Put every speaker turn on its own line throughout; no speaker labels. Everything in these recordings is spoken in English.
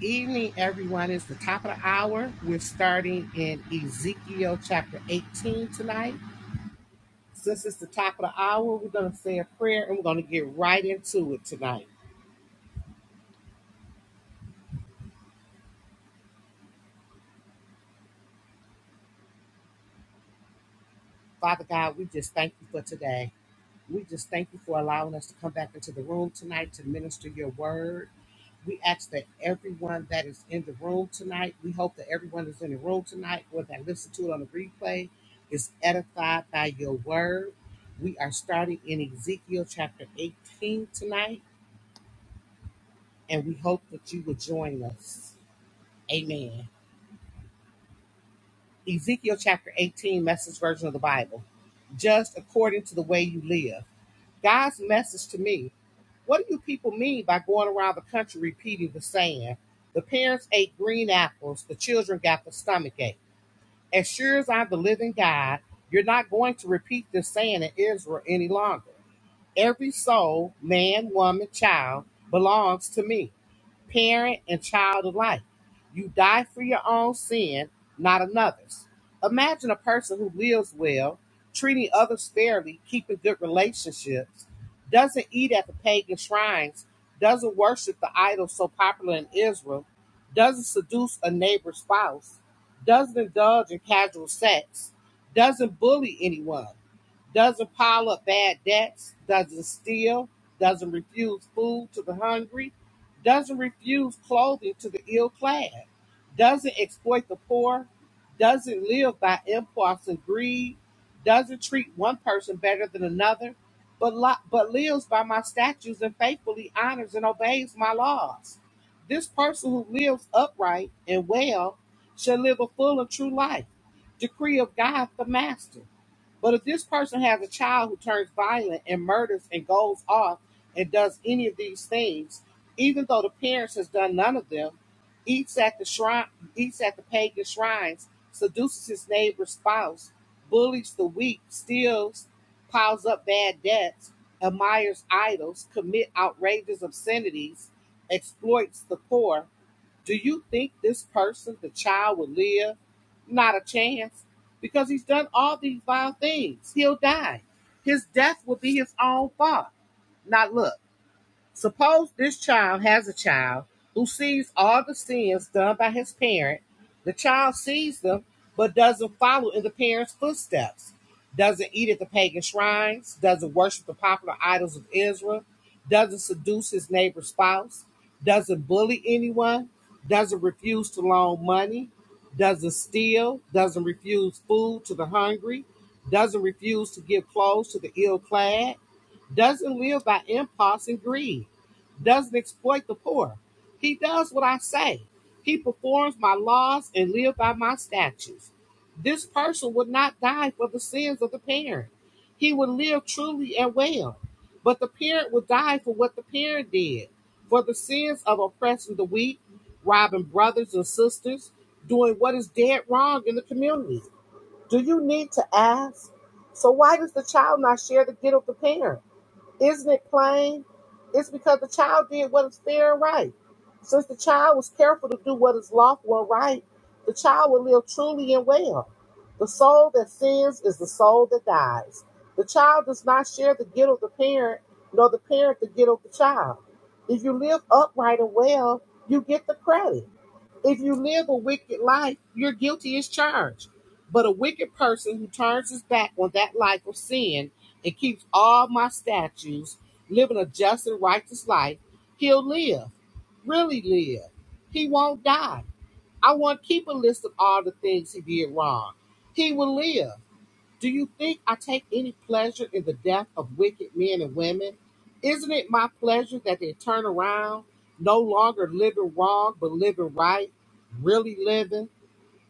evening, everyone. It's the top of the hour. We're starting in Ezekiel chapter 18 tonight. Since it's the top of the hour, we're going to say a prayer and we're going to get right into it tonight. Father God, we just thank you for today. We just thank you for allowing us to come back into the room tonight to minister your word. We ask that everyone that is in the room tonight, we hope that everyone that's in the room tonight or that listen to it on the replay is edified by your word. We are starting in Ezekiel chapter 18 tonight, and we hope that you will join us. Amen. Ezekiel chapter 18, message version of the Bible. Just according to the way you live. God's message to me. What do you people mean by going around the country repeating the saying? The parents ate green apples, the children got the stomach ache. As sure as I'm the living God, you're not going to repeat this saying in Israel any longer. Every soul, man, woman, child, belongs to me, parent and child alike. You die for your own sin, not another's. Imagine a person who lives well, treating others fairly, keeping good relationships, doesn't eat at the pagan shrines, doesn't worship the idols so popular in Israel, doesn't seduce a neighbor's spouse, doesn't indulge in casual sex, doesn't bully anyone doesn't pile up bad debts, doesn't steal, doesn't refuse food to the hungry, doesn't refuse clothing to the ill clad, doesn't exploit the poor, doesn't live by impulse and greed, doesn't treat one person better than another, but, li- but lives by my statutes and faithfully honors and obeys my laws. This person who lives upright and well shall live a full and true life. Decree of God the Master. But if this person has a child who turns violent and murders and goes off and does any of these things, even though the parents has done none of them, eats at the shrine, eats at the pagan shrines, seduces his neighbor's spouse, bullies the weak, steals, piles up bad debts, admires idols, commit outrageous obscenities, exploits the poor, do you think this person, the child, will live? Not a chance. Because he's done all these vile things. He'll die. His death will be his own fault. Now, look. Suppose this child has a child who sees all the sins done by his parent. The child sees them, but doesn't follow in the parent's footsteps. Doesn't eat at the pagan shrines, doesn't worship the popular idols of Israel, doesn't seduce his neighbor's spouse, doesn't bully anyone, doesn't refuse to loan money, doesn't steal, doesn't refuse food to the hungry, doesn't refuse to give clothes to the ill clad, doesn't live by impulse and greed, doesn't exploit the poor. He does what I say. He performs my laws and lives by my statutes. This person would not die for the sins of the parent. He would live truly and well. But the parent would die for what the parent did, for the sins of oppressing the weak, robbing brothers and sisters, doing what is dead wrong in the community. Do you need to ask? So why does the child not share the guilt of the parent? Isn't it plain? It's because the child did what is fair and right. Since the child was careful to do what is lawful and right, the child will live truly and well. The soul that sins is the soul that dies. The child does not share the guilt of the parent, nor the parent the guilt of the child. If you live upright and well, you get the credit. If you live a wicked life, you're guilty as charged. But a wicked person who turns his back on that life of sin and keeps all my statutes, living a just and righteous life, he'll live, really live. He won't die. I won't keep a list of all the things he did wrong. He will live. Do you think I take any pleasure in the death of wicked men and women? Isn't it my pleasure that they turn around, no longer living wrong, but living right, really living?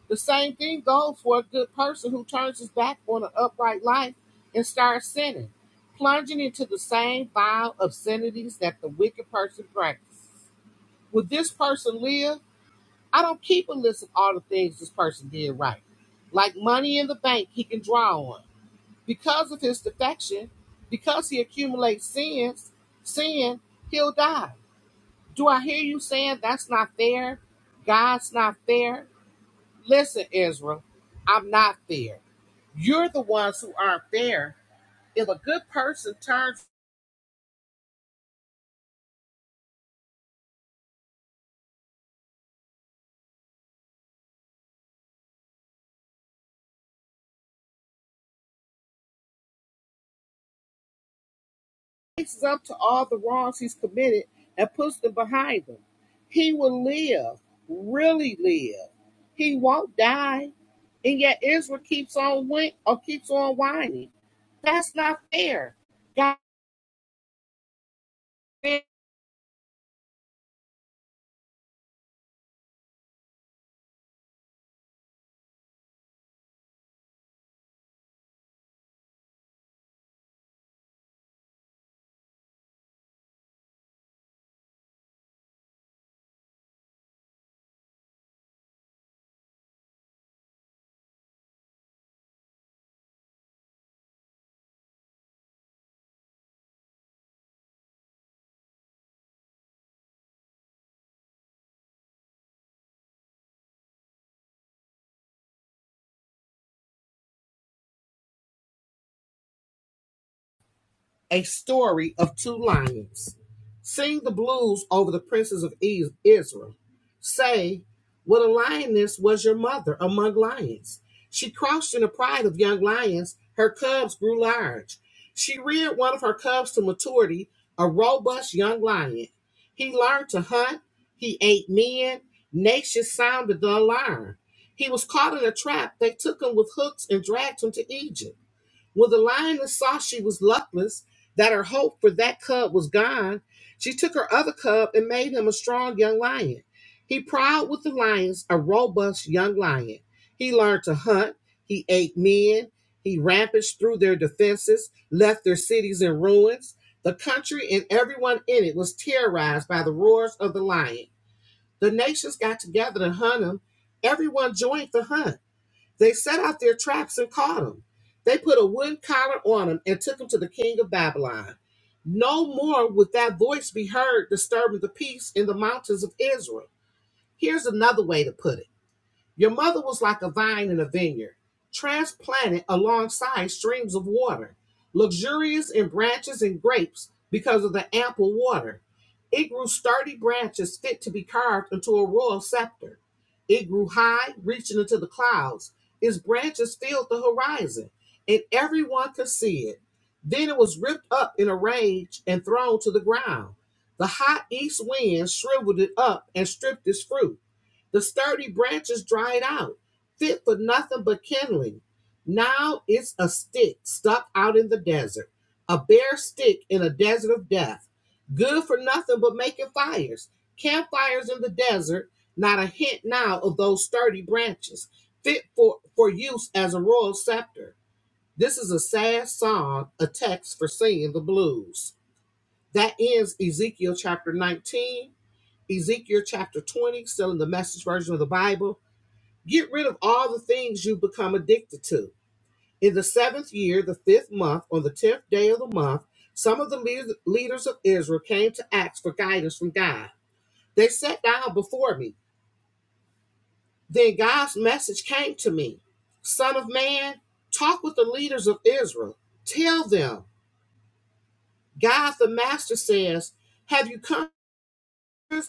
The same thing goes for a good person who turns his back on an upright life and starts sinning, plunging into the same vile obscenities that the wicked person practices. Would this person live? I don't keep a list of all the things this person did right. Like money in the bank he can draw on because of his defection, because he accumulates sins, sin, he'll die. Do I hear you saying that's not fair? God's not fair? Listen, Israel, I'm not fair. You're the ones who aren't fair. If a good person turns faces up to all the wrongs he's committed and puts them behind him, he will live, really live. He won't die. And yet Israel keeps on win- or keeps on whining. That's not fair. God a story of two lions. Sing the blues over the princes of Israel. Say, what a lioness was your mother among lions. She crouched in the pride of young lions. Her cubs grew large. She reared one of her cubs to maturity, a robust young lion. He learned to hunt. He ate men. Nations sounded the alarm. He was caught in a trap. They took him with hooks and dragged him to Egypt. When the lioness saw she was luckless, that her hope for that cub was gone, she took her other cub and made him a strong young lion. He prowled with the lions, a robust young lion. He learned to hunt, he ate men, he rampaged through their defenses, left their cities in ruins. The country and everyone in it was terrorized by the roars of the lion. The nations got together to hunt him. Everyone joined the hunt. They set out their traps and caught him. They put a wooden collar on him and took him to the king of Babylon. No more would that voice be heard disturbing the peace in the mountains of Israel. Here's another way to put it. Your mother was like a vine in a vineyard, transplanted alongside streams of water, luxurious in branches and grapes because of the ample water. It grew sturdy branches fit to be carved into a royal scepter. It grew high, reaching into the clouds. Its branches filled the horizon, and everyone could see it. Then it was ripped up in a rage and thrown to the ground. The hot east wind shriveled it up and stripped its fruit. The sturdy branches dried out, fit for nothing but kindling. Now it's a stick stuck out in the desert, a bare stick in a desert of death, good for nothing but making fires, campfires in the desert, not a hint now of those sturdy branches, fit for, for use as a royal scepter. This is a sad song, a text for singing the blues. That ends Ezekiel chapter 19. Ezekiel chapter 20, still in the message version of the Bible. Get rid of all the things you become addicted to. In the seventh year, the fifth month, on the tenth day of the month, some of the lead- leaders of Israel came to ask for guidance from God. They sat down before me. Then God's message came to me Son of man, talk with the leaders of Israel. Tell them, God the Master says, Have you come?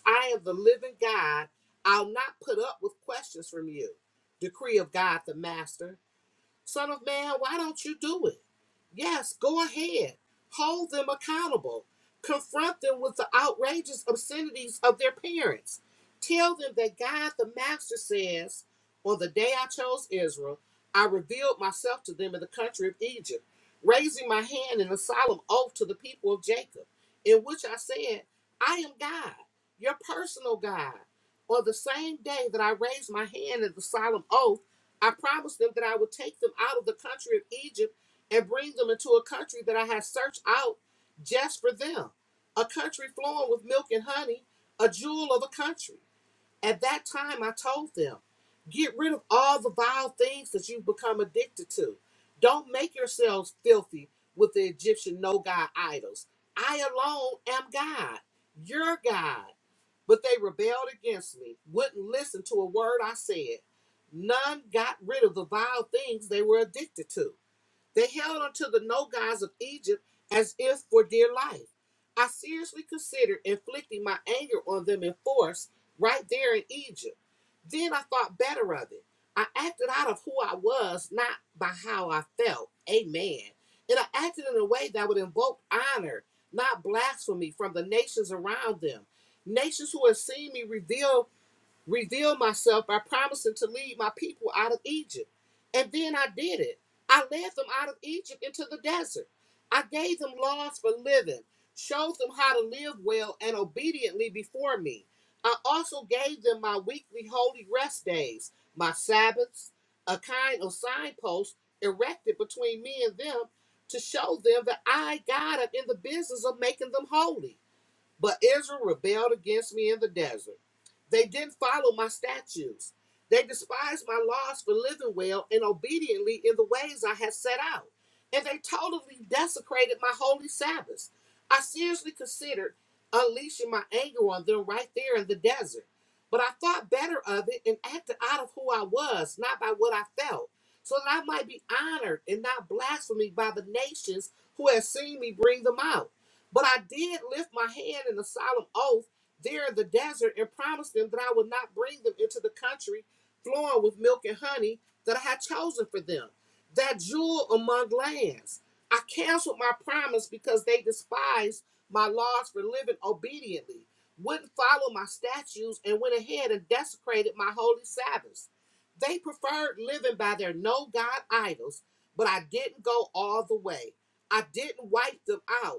I am the living God, I'll not put up with questions from you. Decree of God the Master. Son of man, why don't you do it? Yes, go ahead. Hold them accountable. Confront them with the outrageous obscenities of their parents. Tell them that God the Master says, On the day I chose Israel, I revealed myself to them in the country of Egypt, raising my hand in a solemn oath to the people of Jacob, in which I said, I am God, your personal God. On the same day that I raised my hand in the solemn oath, I promised them that I would take them out of the country of Egypt and bring them into a country that I have searched out just for them, a country flowing with milk and honey, a jewel of a country. At that time, I told them, Get rid of all the vile things that you've become addicted to. Don't make yourselves filthy with the Egyptian no God idols. I alone am God, your God. But they rebelled against me, wouldn't listen to a word I said. None got rid of the vile things they were addicted to. They held onto the no gods of Egypt as if for dear life. I seriously considered inflicting my anger on them in force right there in Egypt. Then I thought better of it. I acted out of who I was, not by how I felt. Amen. And I acted in a way that would invoke honor, not blasphemy, from the nations around them. Nations who have seen me reveal revealed myself by promising to lead my people out of Egypt. And then I did it. I led them out of Egypt into the desert. I gave them laws for living, showed them how to live well and obediently before me. I also gave them my weekly holy rest days, my Sabbaths, a kind of signpost erected between me and them to show them that I, God, am in the business of making them holy. But Israel rebelled against me in the desert. They didn't follow my statutes. They despised my laws for living well and obediently in the ways I had set out. And they totally desecrated my holy Sabbaths. I seriously considered unleashing my anger on them right there in the desert. But I thought better of it and acted out of who I was, not by what I felt, so that I might be honored and not blasphemed by the nations who had seen me bring them out. But I did lift my hand in a solemn oath there in the desert and promised them that I would not bring them into the country flowing with milk and honey that I had chosen for them, that jewel among lands. I canceled my promise because they despised my laws for living obediently, wouldn't follow my statutes, and went ahead and desecrated my holy Sabbaths. They preferred living by their no God idols, but I didn't go all the way. I didn't wipe them out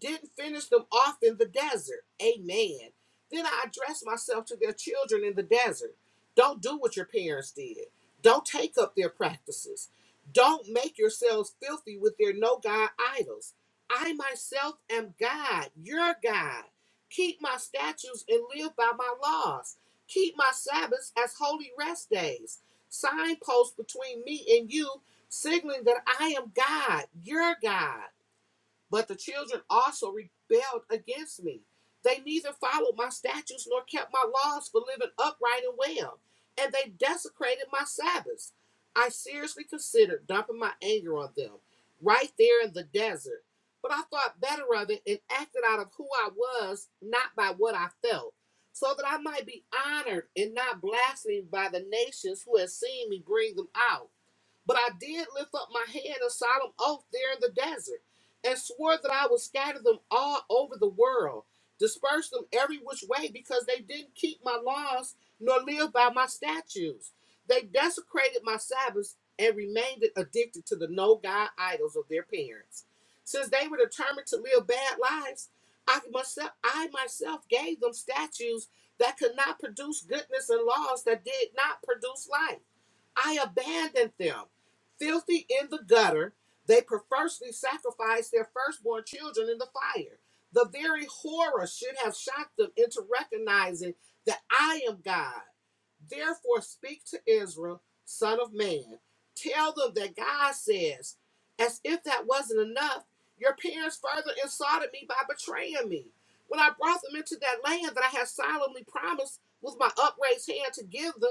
didn't finish them off in the desert. Amen. Then I addressed myself to their children in the desert. Don't do what your parents did. Don't take up their practices. Don't make yourselves filthy with their no God idols. I myself am God, your God. Keep my statutes and live by my laws. Keep my Sabbaths as holy rest days. Signposts between me and you, signaling that I am God, your God. But the children also rebelled against me. They neither followed my statutes nor kept my laws for living upright and well, and they desecrated my Sabbaths. I seriously considered dumping my anger on them right there in the desert, but I thought better of it and acted out of who I was, not by what I felt, so that I might be honored and not blasphemed by the nations who had seen me bring them out. But I did lift up my hand and solemn oath, there in the desert, and swore that I would scatter them all over the world, disperse them every which way, because they didn't keep my laws nor live by my statutes. They desecrated my Sabbaths and remained addicted to the no God idols of their parents. Since they were determined to live bad lives, I myself, I myself gave them statutes that could not produce goodness and laws that did not produce life. I abandoned them filthy in the gutter. They perversely sacrificed their firstborn children in the fire. The very horror should have shocked them into recognizing that I am God. Therefore, speak to Israel, son of man. Tell them that God says, as if that wasn't enough, your parents further insulted me by betraying me. When I brought them into that land that I had solemnly promised with my upraised hand to give them,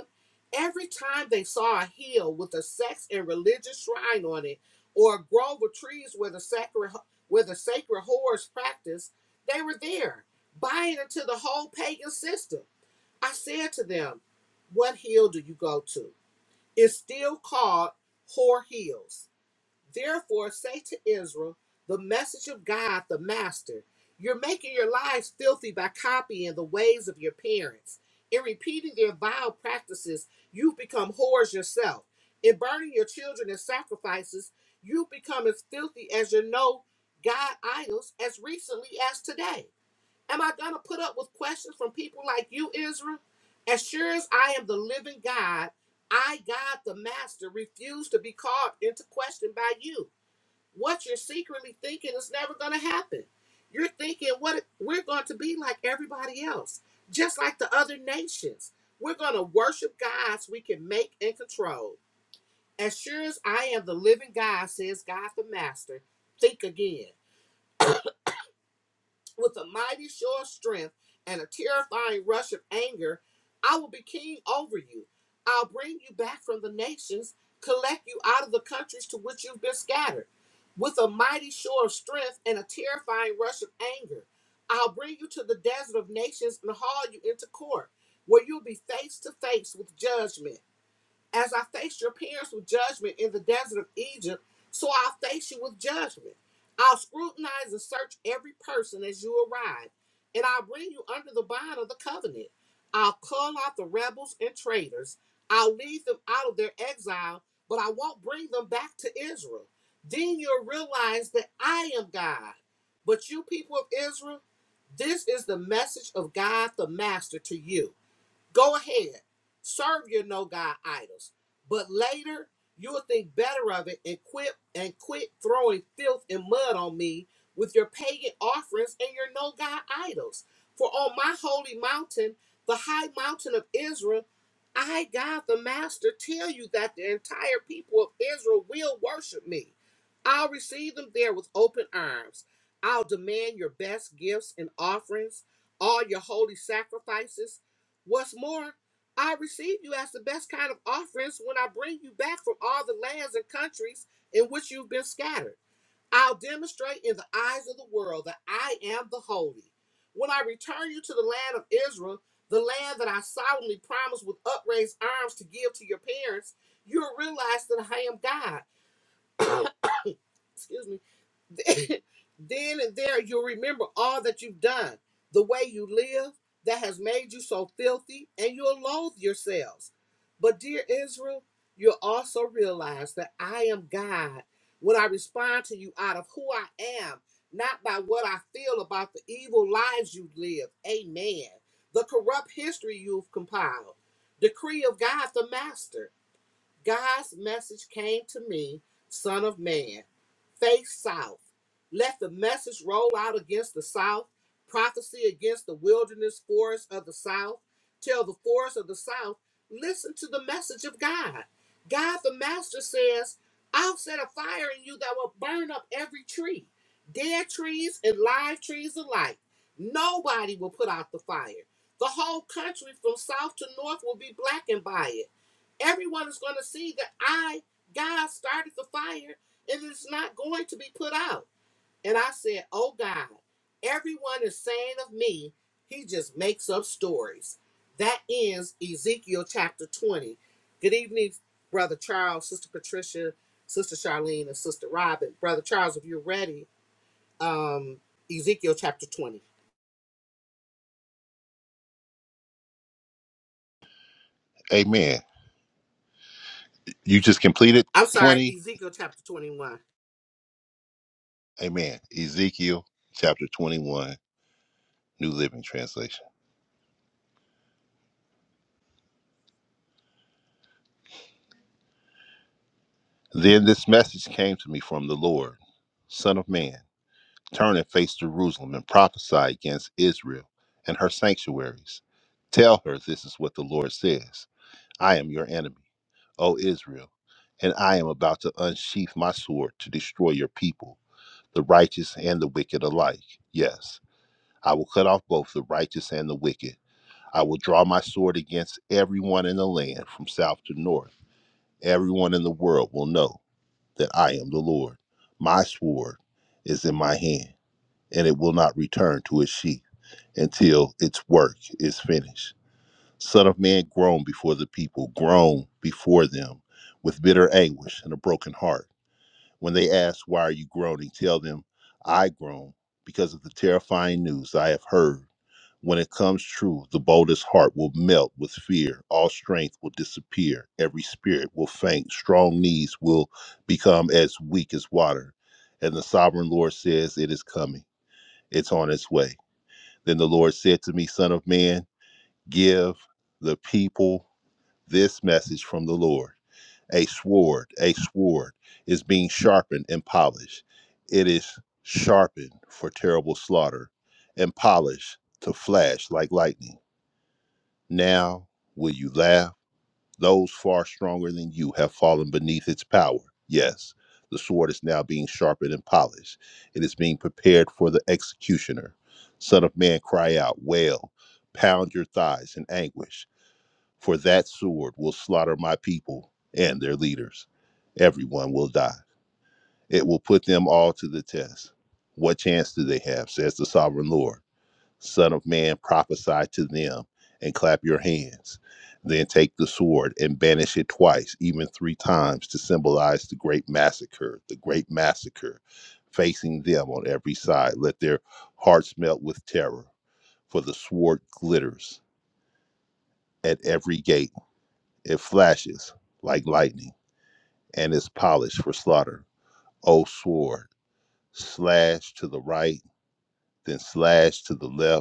Every time they saw a hill with a sex and religious shrine on it, or a grove of trees where the sacred where the sacred whores practiced, they were there, buying into the whole pagan system. I said to them, What hill do you go to? It's still called Whore Hills. Therefore, say to Israel, the message of God, the Master, you're making your lives filthy by copying the ways of your parents. In repeating their vile practices, you've become whores yourself. In burning your children as sacrifices, you've become as filthy as your no God idols as recently as today. Am I going to put up with questions from people like you, Israel? As sure as I am the living God, I, God the Master, refuse to be called into question by you. What you're secretly thinking is never going to happen. You're thinking what it- we're going to be like everybody else, just like the other nations. We're going to worship gods we can make and control. As sure as I am the living God, says God the Master, think again. with a mighty show of strength and a terrifying rush of anger, I will be king over you. I'll bring you back from the nations, collect you out of the countries to which you've been scattered. With a mighty show of strength and a terrifying rush of anger, I'll bring you to the desert of nations and haul you into court, where you'll be face to face with judgment. As I faced your parents with judgment in the desert of Egypt, so I'll face you with judgment. I'll scrutinize and search every person as you arrive, and I'll bring you under the bond of the covenant. I'll call out the rebels and traitors. I'll lead them out of their exile, but I won't bring them back to Israel. Then you'll realize that I am God. But you people of Israel, this is the message of God the Master to you. Go ahead, serve your no God idols. But later, you'll think better of it and quit and quit throwing filth and mud on me with your pagan offerings and your no God idols. For on my holy mountain, the high mountain of Israel, I, God the Master, tell you that the entire people of Israel will worship me. I'll receive them there with open arms. I'll demand your best gifts and offerings, all your holy sacrifices What's more, I receive you as the best kind of offerings when I bring you back from all the lands and countries in which you've been scattered. I'll demonstrate in the eyes of the world that I am the holy. When I return you to the land of Israel, the land that I solemnly promised with upraised arms to give to your parents, you'll realize that I am God. Excuse me then and there you'll remember all that you've done, the way you live that has made you so filthy, and you'll loathe yourselves. But, dear Israel, you'll also realize that I am God when I respond to you out of who I am, not by what I feel about the evil lives you live. Amen. The corrupt history you've compiled. Decree of God the Master. God's message came to me, Son of Man, face south. Let the message roll out against the south, prophecy against the wilderness forest of the south. Tell the forest of the south, listen to the message of God. God the Master says, I'll set a fire in you that will burn up every tree, dead trees and live trees alike. Nobody will put out the fire. The whole country from south to north will be blackened by it Everyone is going to see that I, God, started the fire and it's not going to be put out. And I said, Oh God, everyone is saying of me, he just makes up stories. That ends Ezekiel chapter 20. Good evening, Brother Charles, Sister Patricia, Sister Charlene, and Sister Robin. Brother Charles, if you're ready, um, Ezekiel chapter 20.
Amen. You just completed
I'm sorry,
20.
Ezekiel chapter 21.
Amen. Ezekiel chapter 21, New Living Translation. Then this message came to me from the Lord Son of man, turn and face Jerusalem and prophesy against Israel and her sanctuaries. Tell her this is what the Lord says I am your enemy, O Israel, and I am about to unsheath my sword to destroy your people, the righteous and the wicked alike. Yes, I will cut off both the righteous and the wicked I will draw my sword against everyone in the land from south to north. Everyone in the world will know that I am the Lord. My sword is in my hand, and it will not return to its sheath until its work is finished. Son of man, groan before the people, groan before them with bitter anguish and a broken heart. When they ask, Why are you groaning? Tell them, I groan because of the terrifying news I have heard when it comes true, the boldest heart will melt with fear. All strength will disappear. Every spirit will faint. Strong knees will become as weak as water. And the sovereign Lord says, It is coming. It's on its way. Then the Lord said to me, Son of man, give the people this message from the Lord. A sword, a sword is being sharpened and polished. It is sharpened for terrible slaughter and polished to flash like lightning. Now will you laugh? Those far stronger than you have fallen beneath its power. Yes, the sword is now being sharpened and polished. It is being prepared for the executioner. Son of man, cry out, wail, pound your thighs in anguish, for that sword will slaughter my people and their leaders. Everyone will die. It will put them all to the test. What chance do they have, says the sovereign Lord? Son of man, prophesy to them and clap your hands. Then take the sword and banish it twice, even three times, to symbolize the great massacre, the great massacre facing them on every side. Let their hearts melt with terror, for the sword glitters at every gate. It flashes like lightning and is polished for slaughter. O sword, slash to the right, then slash to the left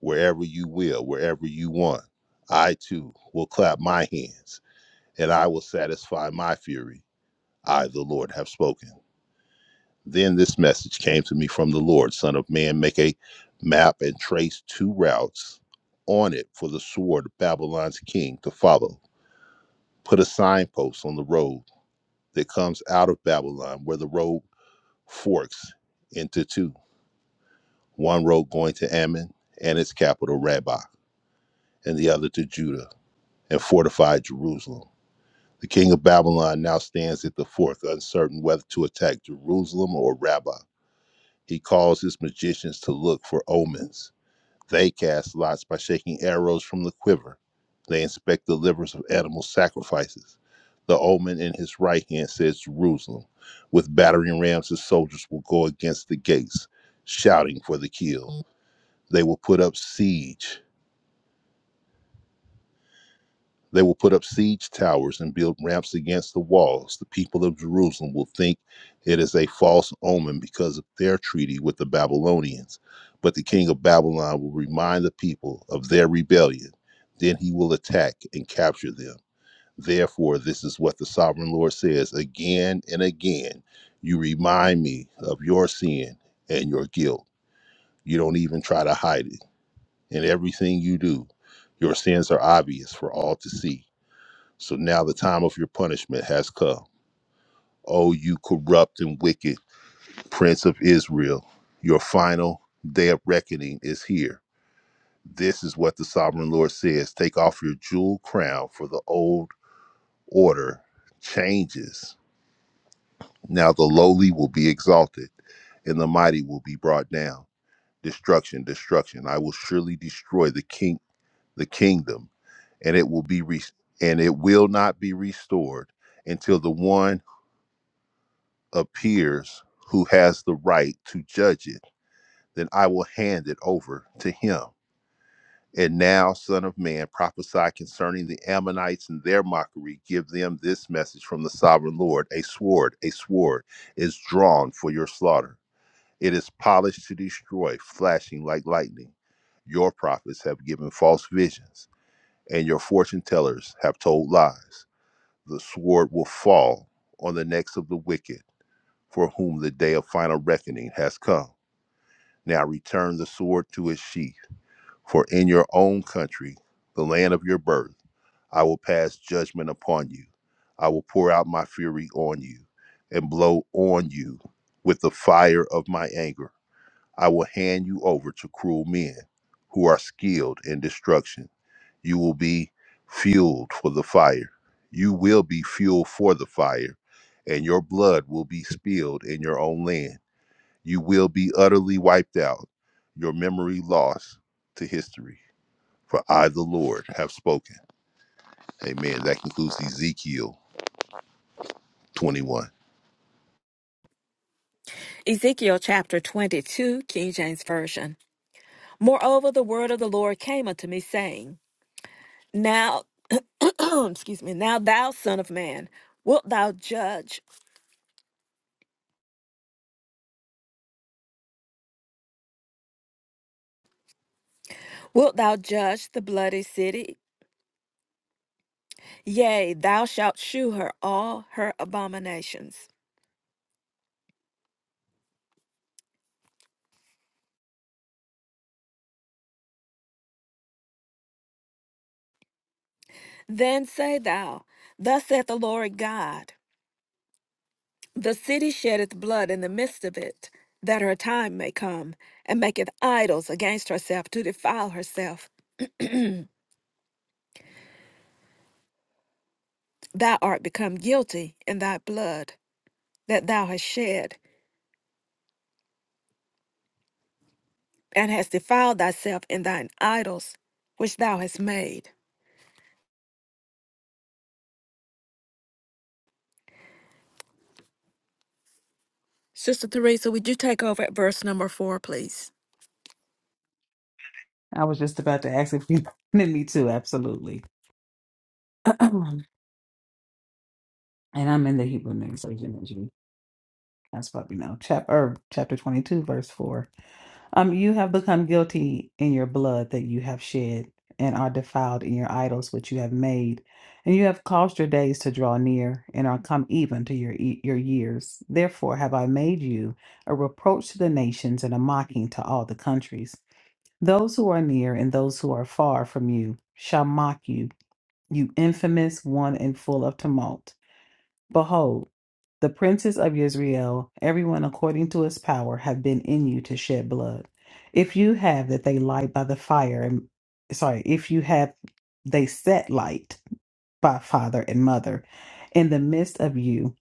wherever you will, wherever you want. I too will clap my hands, and I will satisfy my fury. I, the Lord, have spoken. Then this message came to me from the Lord Son of man, make a map and trace two routes on it for the sword of Babylon's king to follow. Put a signpost on the road that comes out of Babylon, where the road forks into two one road going to Ammon and its capital, Rabbah, and the other to Judah and fortified Jerusalem. The king of Babylon now stands at the fourth, uncertain whether to attack Jerusalem or Rabbah. He calls his magicians to look for omens. They cast lots by shaking arrows from the quiver. They inspect the livers of animal sacrifices. The omen in his right hand says Jerusalem. With battering rams, his soldiers will go against the gates, shouting for the kill. They will put up siege They will put up siege towers and build ramps against the walls. The people of Jerusalem will think it is a false omen because of their treaty with the Babylonians. But the king of Babylon will remind the people of their rebellion. Then he will attack and capture them. Therefore, this is what the sovereign Lord says again and again You remind me of your sin and your guilt. You don't even try to hide it. In everything you do, your sins are obvious for all to see. So now the time of your punishment has come. O you corrupt and wicked prince of Israel, your final day of reckoning is here. This is what the sovereign Lord says Take off your jewel crown, for the old order changes. Now the lowly will be exalted, and the mighty will be brought down. Destruction, destruction. I will surely destroy the king the kingdom, and it will be re- and it will not be restored until the one appears who has the right to judge it, then I will hand it over to him. And now, Son of Man, prophesy concerning the Ammonites and their mockery. Give them this message from the sovereign Lord A sword, a sword is drawn for your slaughter. It is polished to destroy, flashing like lightning. Your prophets have given false visions, and your fortune tellers have told lies. The sword will fall on the necks of the wicked for whom the day of final reckoning has come. Now return the sword to its sheath, for in your own country, the land of your birth, I will pass judgment upon you. I will pour out my fury on you and blow on you with the fire of my anger. I will hand you over to cruel men who are skilled in destruction. You will be fueled for the fire. You will be fueled for the fire, and your blood will be spilled in your own land you will be utterly wiped out, your memory lost to history. For I, the Lord, have spoken. Amen. That concludes Ezekiel 21.
Ezekiel chapter 22, King James Version. Moreover, the word of the Lord came unto me, saying, Now, excuse me, now thou son of man, wilt thou judge? Wilt thou judge the bloody city? Yea, thou shalt shew her all her abominations. Then say thou, Thus saith the Lord God, The city sheddeth blood in the midst of it, that her time may come, and maketh idols against herself to defile herself. thou art become guilty in thy blood that thou hast shed, and hast defiled thyself in thine idols which thou hast made. Sister Teresa, would you take over at verse number four, please?
I was just about to ask if you wanted me to. Absolutely. and I'm in the Hebrew Nation energy. That's probably now chapter chapter 22, verse 4. Um, you have become guilty in your blood that you have shed, and are defiled in your idols which you have made, and you have caused your days to draw near, and are come even to your e- your years. Therefore have I made you a reproach to the nations and a mocking to all the countries. Those who are near and those who are far from you shall mock you you infamous one and full of tumult. Behold, the princes of Israel, everyone according to his power, have been in you to shed blood. If you have that they light by the fire, and sorry, if you have they set light by father and mother, in the midst of you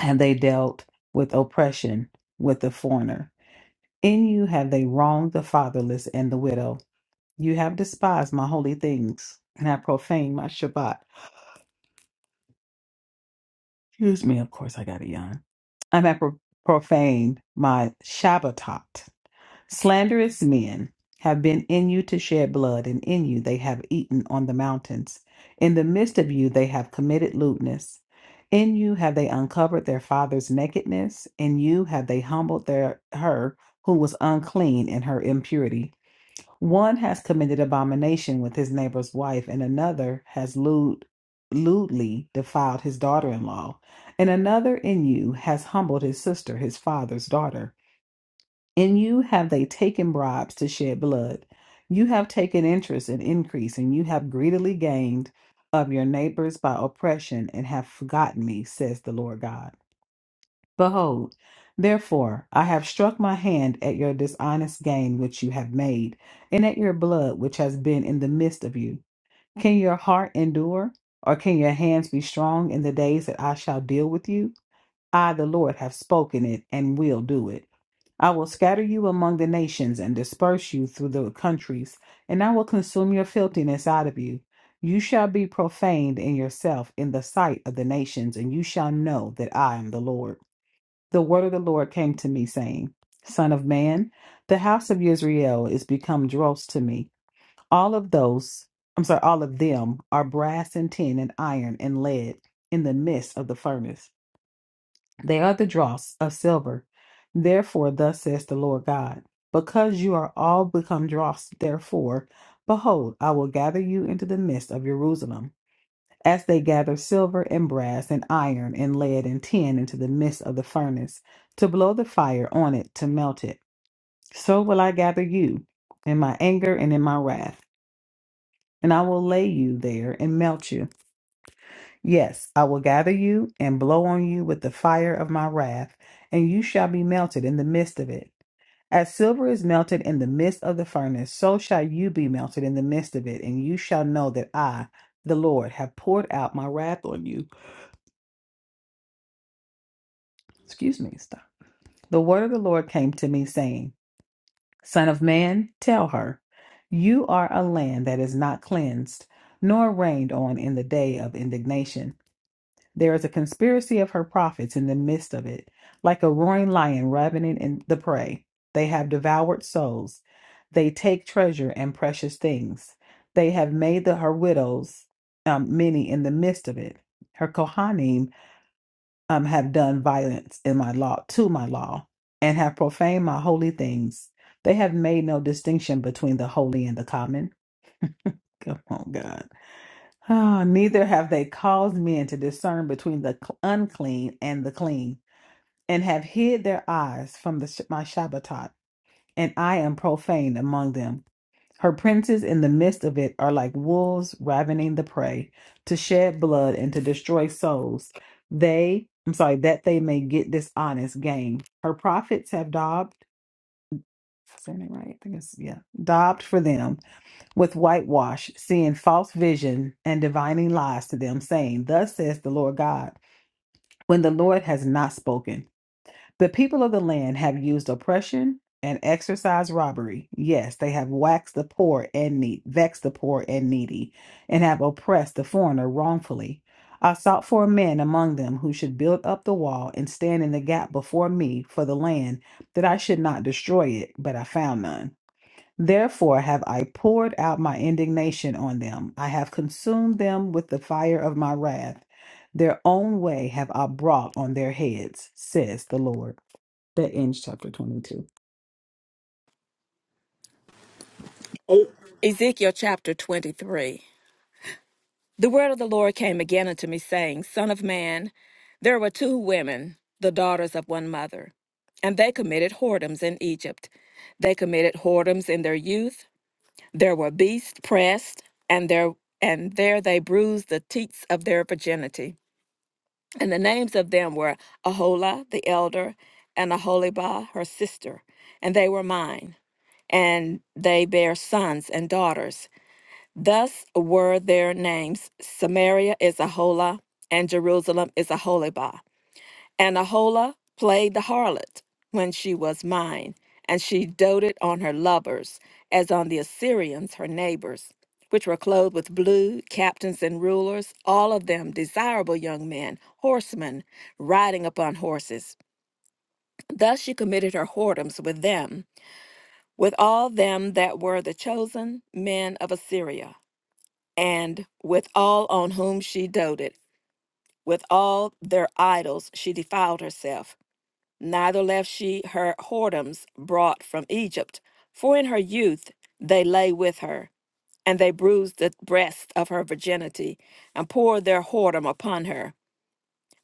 have they dealt with oppression with the foreigner. In you have they wronged the fatherless and the widow. You have despised my holy things, and have profaned my Shabbat. Excuse me, of course I got it yawn. I have pro- profaned my Shabbatot. Slanderous men have been in you to shed blood, and in you they have eaten on the mountains. In the midst of you they have committed lewdness. In you have they uncovered their father's nakedness. In you have they humbled their her who was unclean in her impurity. One has committed abomination with his neighbor's wife, and another has lewd, lewdly defiled his daughter in law, and another in you has humbled his sister, his father's daughter. In you have they taken bribes to shed blood. You have taken interest in increase, and you have greedily gained of your neighbors by oppression, and have forgotten me, says the Lord God. Behold, therefore, I have struck my hand at your dishonest gain which you have made, and at your blood which has been in the midst of you. Can your heart endure, or can your hands be strong in the days that I shall deal with you? I, the Lord, have spoken it and will do it. I will scatter you among the nations and disperse you through the countries, and I will consume your filthiness out of you. You shall be profaned in yourself in the sight of the nations, and you shall know that I am the Lord. The word of the Lord came to me, saying, Son of man, the house of Israel is become dross to me. All of those, I'm sorry, all of them are brass and tin and iron and lead in the midst of the furnace. They are the dross of silver. Therefore, thus says the Lord God, because you are all become dross, therefore, behold, I will gather you into the midst of Jerusalem as they gather silver and brass and iron and lead and tin into the midst of the furnace, to blow the fire on it to melt it. So will I gather you in my anger and in my wrath, and I will lay you there and melt you. Yes, I will gather you and blow on you with the fire of my wrath, and you shall be melted in the midst of it. As silver is melted in the midst of the furnace, so shall you be melted in the midst of it, and you shall know that I, the Lord, have poured out my wrath on you. Excuse me. The word of the Lord came to me, saying, Son of man, tell her, you are a land that is not cleansed, nor rained on in the day of indignation. There is a conspiracy of her prophets in the midst of it, like a roaring lion ravening in the prey. They have devoured souls. They take treasure and precious things. They have made the, her widows um, many in the midst of it. Her Kohanim um, have done violence in my law to my law and have profaned my holy things. They have made no distinction between the holy and the common. Come on, God. Ah, neither have they caused men to discern between the cl- unclean and the clean, and have hid their eyes from the sh- my Shabbatot, and I am profane among them. Her princes in the midst of it are like wolves ravening the prey to shed blood and to destroy souls. They, I'm sorry, that they may get dishonest gain. Her prophets have daubed, am I right? I think it's, yeah, daubed for them with whitewash, seeing false vision and divining lies to them, saying, Thus says the Lord God, when the Lord has not spoken. The people of the land have used oppression and exercised robbery. Yes, they have waxed the poor and need, vexed the poor and needy, and have oppressed the foreigner wrongfully. I sought for men among them who should build up the wall and stand in the gap before me for the land, that I should not destroy it, but I found none. Therefore have I poured out my indignation on them. I have consumed them with the fire of my wrath. Their own way have I brought on their heads, says the Lord that ends chapter 22.
Ezekiel chapter 23. The word of the Lord came again unto me, saying, Son of man, there were two women, the daughters of one mother, and they committed whoredoms in Egypt. They committed whoredoms in their youth There were beasts pressed, and there and there they bruised the teats of their virginity. And the names of them were Ahola the elder, and Aholibah her sister, and they were mine. And they bare sons and daughters. Thus were their names: Samaria is Ahola, and Jerusalem is Aholibah. And Ahola played the harlot when she was mine, and she doted on her lovers, as on the Assyrians her neighbors, which were clothed with blue, captains and rulers, all of them desirable young men, horsemen, riding upon horses. Thus she committed her whoredoms with them, with all them that were the chosen men of Assyria, and with all on whom she doted, with all their idols she defiled herself neither left she her whoredoms brought from Egypt, for in her youth they lay with her, and they bruised the breast of her virginity, and poured their whoredom upon her.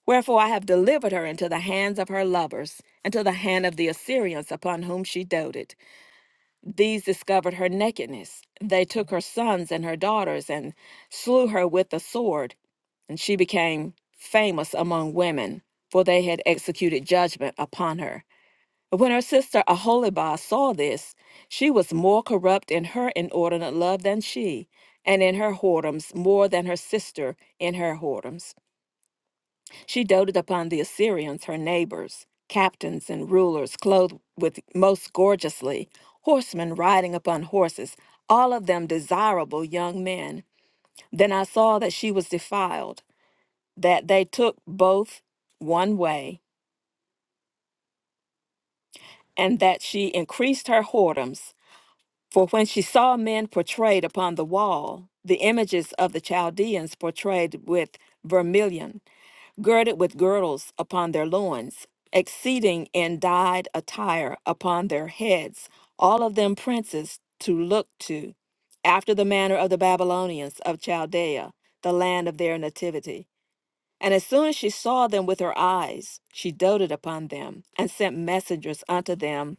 Wherefore I have delivered her into the hands of her lovers, and to the hand of the Assyrians upon whom she doted. These discovered her nakedness. They took her sons and her daughters, and slew her with the sword, and she became famous among women, for they had executed judgment upon her. When her sister Aholibah saw this, she was more corrupt in her inordinate love than she, and in her whoredoms more than her sister in her whoredoms. She doted upon the Assyrians, her neighbors, captains and rulers clothed with most gorgeously, horsemen riding upon horses, all of them desirable young men. Then I saw that she was defiled, that they took both one way, and that she increased her whoredoms For when she saw men portrayed upon the wall, the images of the Chaldeans portrayed with vermilion, girded with girdles upon their loins, exceeding in dyed attire upon their heads, all of them princes to look to, after the manner of the Babylonians of Chaldea, the land of their nativity. And as soon as she saw them with her eyes, she doted upon them, and sent messengers unto them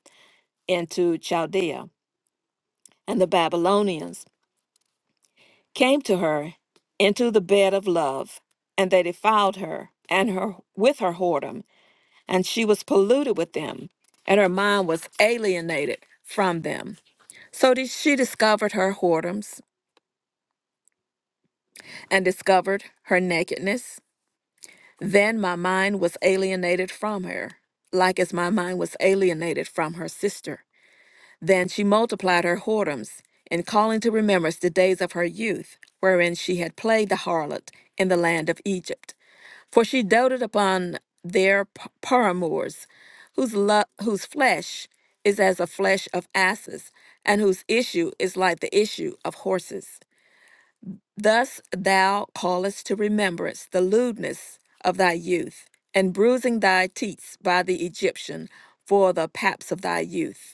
into Chaldea. And the Babylonians came to her into the bed of love, and they defiled her and her with her whoredom, and she was polluted with them, and her mind was alienated from them. So did she discovered her whoredoms and discovered her nakedness. Then my mind was alienated from her, like as my mind was alienated from her sister. Then she multiplied her whoredoms, in calling to remembrance the days of her youth, wherein she had played the harlot in the land of Egypt. For she doted upon their p- paramours, whose, lo- whose flesh is as the flesh of asses, and whose issue is like the issue of horses. Thus thou callest to remembrance the lewdness of thy youth, and bruising thy teats by the Egyptian for the paps of thy youth.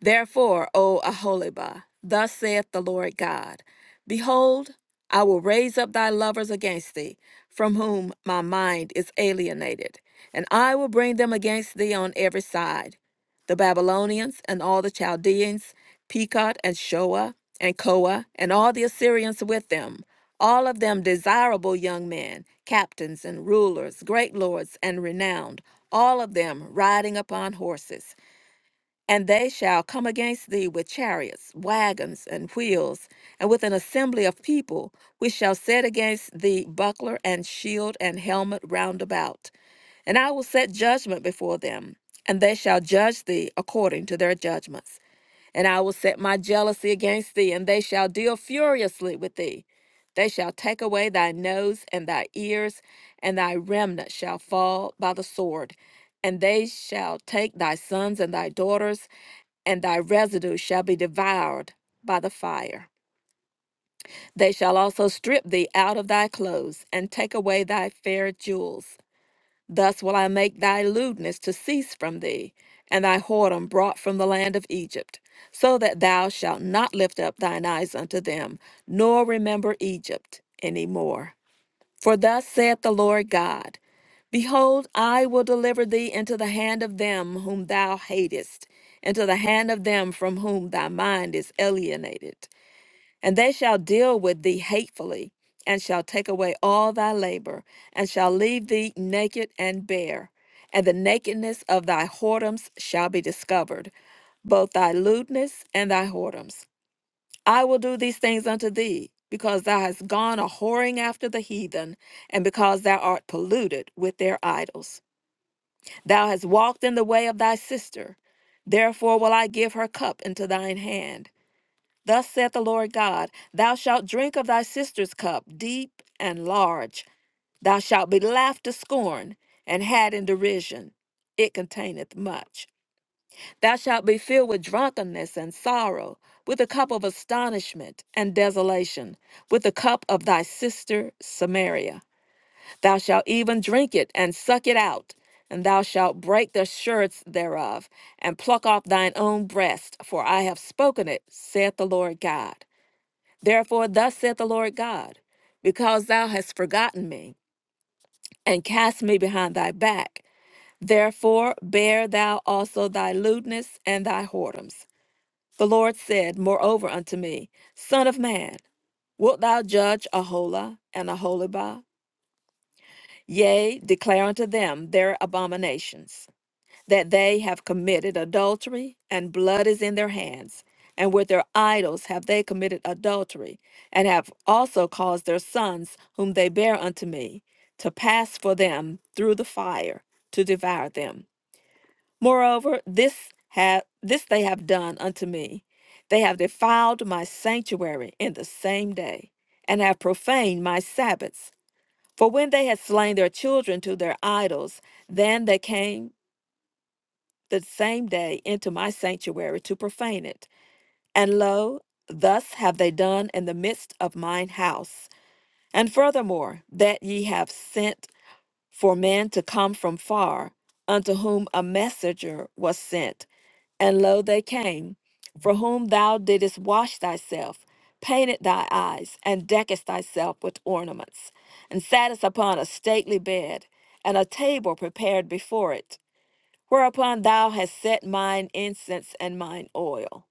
Therefore, O Aholibah, thus saith the Lord God Behold, I will raise up thy lovers against thee, from whom my mind is alienated, and I will bring them against thee on every side the Babylonians and all the Chaldeans, Pekod and Shoa and Koa, and all the Assyrians with them, all of them desirable young men, captains and rulers, great lords and renowned, all of them riding upon horses. And they shall come against thee with chariots, wagons, and wheels, and with an assembly of people, which shall set against thee buckler and shield and helmet round about. And I will set judgment before them, and they shall judge thee according to their judgments. And I will set my jealousy against thee, and they shall deal furiously with thee. They shall take away thy nose and thy ears, and thy remnant shall fall by the sword. And they shall take thy sons and thy daughters, and thy residue shall be devoured by the fire. They shall also strip thee out of thy clothes, and take away thy fair jewels. Thus will I make thy lewdness to cease from thee, and thy whoredom brought from the land of Egypt, so that thou shalt not lift up thine eyes unto them, nor remember Egypt any more. For thus saith the Lord God. Behold, I will deliver thee into the hand of them whom thou hatest, into the hand of them from whom thy mind is alienated. And they shall deal with thee hatefully, and shall take away all thy labor, and shall leave thee naked and bare. And the nakedness of thy whoredoms shall be discovered, both thy lewdness and thy whoredoms. I will do these things unto thee, because thou hast gone a whoring after the heathen, and because thou art polluted with their idols. Thou hast walked in the way of thy sister. Therefore will I give her cup into thine hand. Thus saith the Lord God Thou shalt drink of thy sister's cup, deep and large. Thou shalt be laughed to scorn and had in derision. It containeth much. Thou shalt be filled with drunkenness and sorrow, with the cup of astonishment and desolation, with the cup of thy sister Samaria. Thou shalt even drink it and suck it out, and thou shalt break the sherds thereof, and pluck off thine own breast, for I have spoken it, saith the Lord God. Therefore, thus saith the Lord God, because thou hast forgotten me, and cast me behind thy back, therefore bear thou also thy lewdness and thy whoredoms. The Lord said, moreover, unto me, Son of man, wilt thou judge Ahola and Aholibah? Yea, declare unto them their abominations, that they have committed adultery, and blood is in their hands. And with their idols have they committed adultery, and have also caused their sons, whom they bear unto me, to pass for them through the fire to devour them. Moreover, this have this they have done unto me. They have defiled my sanctuary in the same day, and have profaned my Sabbaths for when they had slain their children to their idols, then they came the same day into my sanctuary to profane it. And lo, thus have they done in the midst of mine house. And furthermore, that ye have sent for men to come from far, unto whom a messenger was sent and lo, they came, for whom thou didst wash thyself, painted thy eyes, and deckest thyself with ornaments, and sattest upon a stately bed, and a table prepared before it, whereupon thou hast set mine incense and mine oil.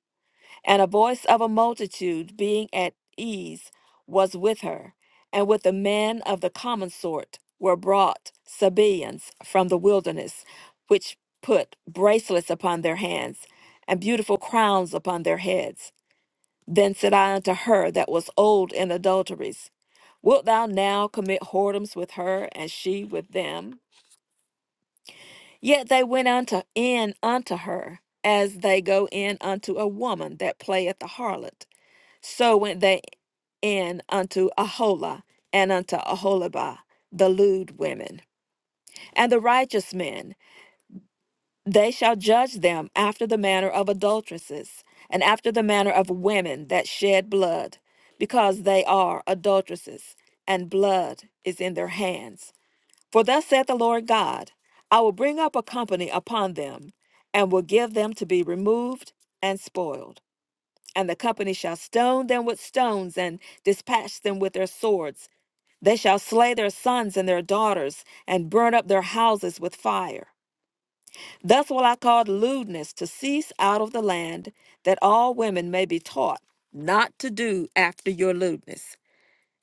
And a voice of a multitude being at ease was with her, and with the men of the common sort were brought Sabaeans from the wilderness, which put bracelets upon their hands, and beautiful crowns upon their heads. Then said I unto her that was old in adulteries, Wilt thou now commit whoredoms with her, and she with them? Yet they went unto in unto her, as they go in unto a woman that playeth the harlot. So went they in unto Aholah and unto Aholibah, the lewd women. And the righteous men, they shall judge them after the manner of adulteresses, and after the manner of women that shed blood, because they are adulteresses, and blood is in their hands. For thus saith the Lord God, I will bring up a company upon them, and will give them to be removed and spoiled. And the company shall stone them with stones and dispatch them with their swords. They shall slay their sons and their daughters and burn up their houses with fire. Thus will I cause lewdness to cease out of the land, that all women may be taught not to do after your lewdness.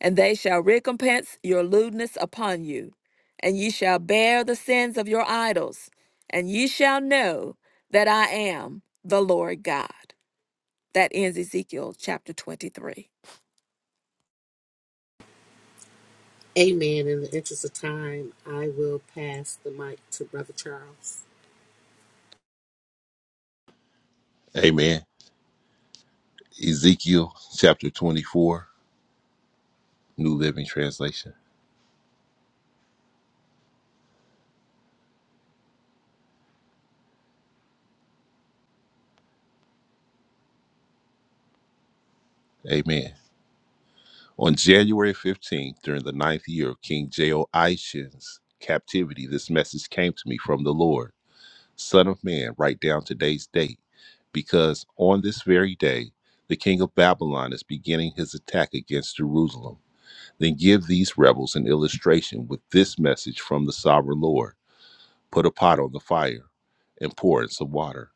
And they shall recompense your lewdness upon you, and ye shall bear the sins of your idols, and ye shall know that I am the Lord God. That ends Ezekiel chapter 23.
Amen. In the interest of time, I will pass the mic to Brother Charles.
Amen. Ezekiel chapter 24, New Living Translation. Amen. On January 15th, during the ninth year of King Jehoiachin's captivity, this message came to me from the Lord. Son of Man, write down today's date, because on this very day the king of Babylon is beginning his attack against Jerusalem. Then give these rebels an illustration with this message from the sovereign Lord Put a pot on the fire and pour in some water.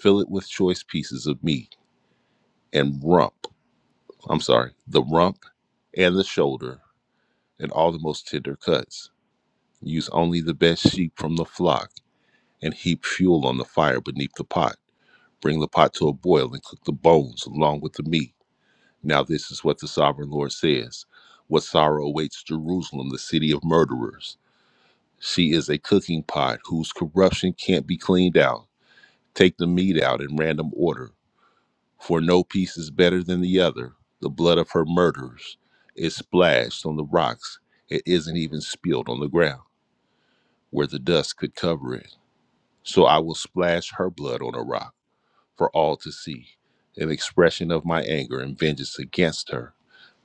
Fill it with choice pieces of meat and rump, I'm sorry, the rump and the shoulder and all the most tender cuts. Use only the best sheep from the flock and heap fuel on the fire beneath the pot. Bring the pot to a boil and cook the bones along with the meat. Now, this is what the sovereign Lord says What sorrow awaits Jerusalem, the city of murderers? She is a cooking pot whose corruption can't be cleaned out. Take the meat out in random order, for no piece is better than the other. The blood of her murderers is splashed on the rocks, it isn't even spilled on the ground, where the dust could cover it. So I will splash her blood on a rock for all to see, an expression of my anger and vengeance against her.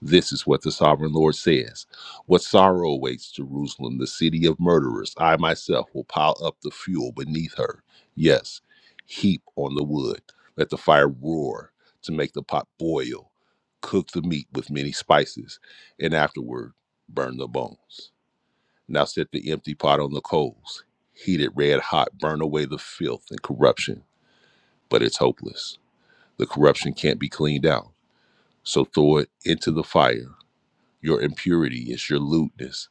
This is what the sovereign Lord says. What sorrow awaits Jerusalem, the city of murderers. I myself will pile up the fuel beneath her. Yes, heap on the wood. Let the fire roar to make the pot boil. Cook the meat with many spices, and afterward burn the bones. Now set the empty pot on the coals. Heat it red hot, burn away the filth and corruption. But it's hopeless. The corruption can't be cleaned out. So throw it into the fire. Your impurity is your lewdness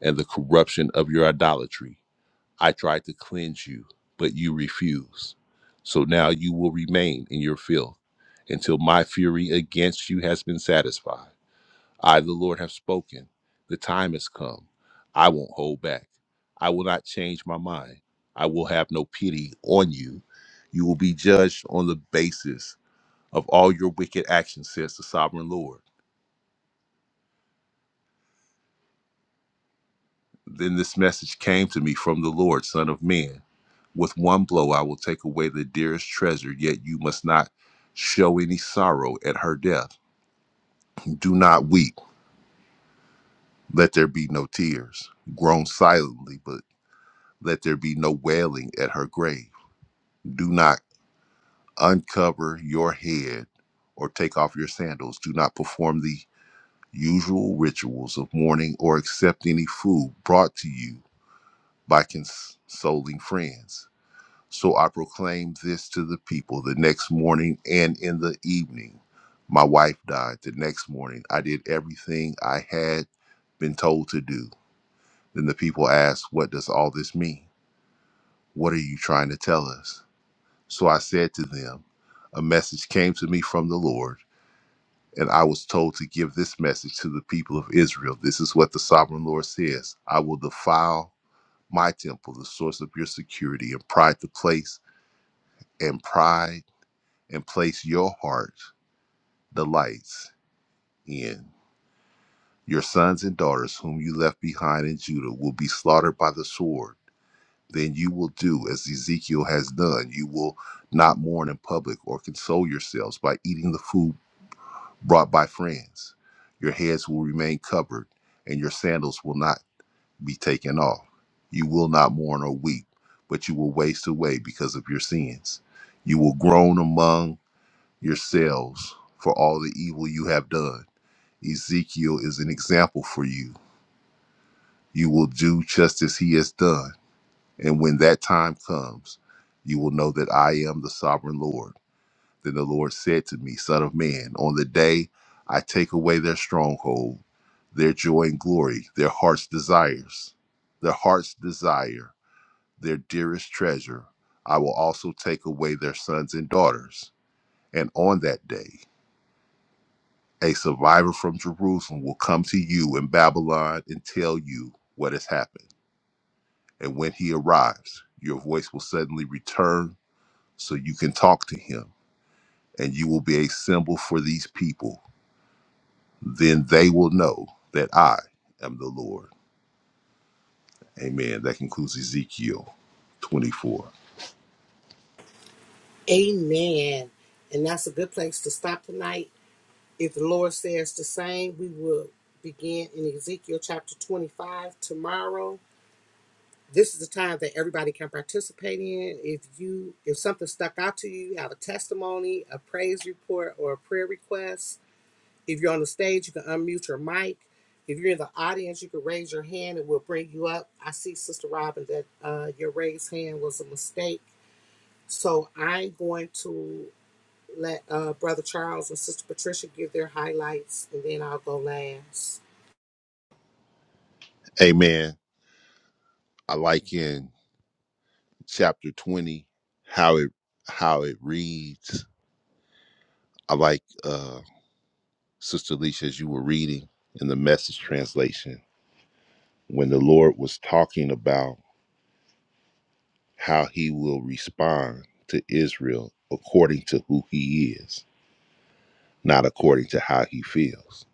and the corruption of your idolatry. I tried to cleanse you, but you refused. So now you will remain in your filth until my fury against you has been satisfied. I, the Lord, have spoken. The time has come. I won't hold back. I will not change my mind. I will have no pity on you. You will be judged on the basis of all your wicked actions, says the sovereign Lord. Then this message came to me from the Lord, Son of Man. With one blow I will take away the dearest treasure, yet you must not show any sorrow at her death. Do not weep, let there be no tears. Groan silently, but let there be no wailing at her grave. Do not uncover your head or take off your sandals. Do not perform the usual rituals of mourning or accept any food brought to you by consoling friends. So I proclaimed this to the people the next morning and in the evening. My wife died the next morning. I did everything I had been told to do. Then the people asked, What does all this mean? What are you trying to tell us? So I said to them, A message came to me from the Lord, and I was told to give this message to the people of Israel. This is what the sovereign Lord says I will defile my temple, the source of your security, and pride to place and pride and place your heart delights in. Your sons and daughters, whom you left behind in Judah, will be slaughtered by the sword. Then you will do as Ezekiel has done. You will not mourn in public or console yourselves by eating the food brought by friends. Your heads will remain covered, and your sandals will not be taken off. You will not mourn or weep, but you will waste away because of your sins. You will groan among yourselves for all the evil you have done. Ezekiel is an example for you. You will do just as he has done. And when that time comes, you will know that I am the sovereign Lord. Then the Lord said to me, Son of man, on the day I take away their stronghold, their joy and glory, their heart's desires, their heart's desire their dearest treasure, I will also take away their sons and daughters. And on that day, a survivor from Jerusalem will come to you in Babylon and tell you what has happened. And when he arrives, your voice will suddenly return so you can talk to him, and you will be a symbol for these people. Then they will know that I am the Lord. Amen. That concludes Ezekiel 24.
Amen. And that's a good place to stop tonight. If the Lord says the same, we will begin in Ezekiel chapter 25 tomorrow. This is the time that everybody can participate in. If you if something stuck out to you, you have a testimony, a praise report, or a prayer request, If you're on the stage, you can unmute your mic. If you're in the audience, you can raise your hand and we'll bring you up. I see, Sister Robin, that uh, your raised hand was a mistake. So I'm going to let uh, Brother Charles and Sister Patricia give their highlights and then I'll go last.
Amen. I like in. chapter 20 how it how it reads i like uh sister Alicia, as you were reading in the message translation when the lord was talking about how he will respond to israel according to who he is not according to how he feels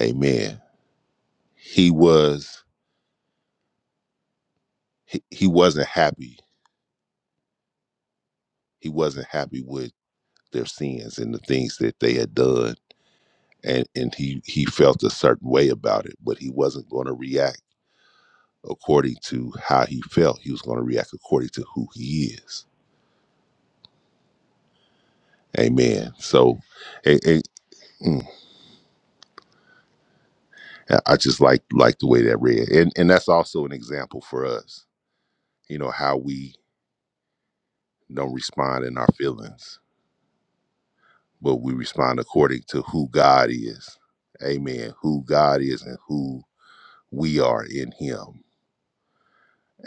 amen he was he, he wasn't happy he wasn't happy with their sins and the things that they had done and and he he felt a certain way about it but he wasn't going to react according to how he felt. He was going to react according to who he is. Amen. So, and, and, mm, I I just like like the way that read, and and that's also an example for us. You know how we don't respond in our feelings, but we respond according to who God is. Amen. Who God is and who we are in Him.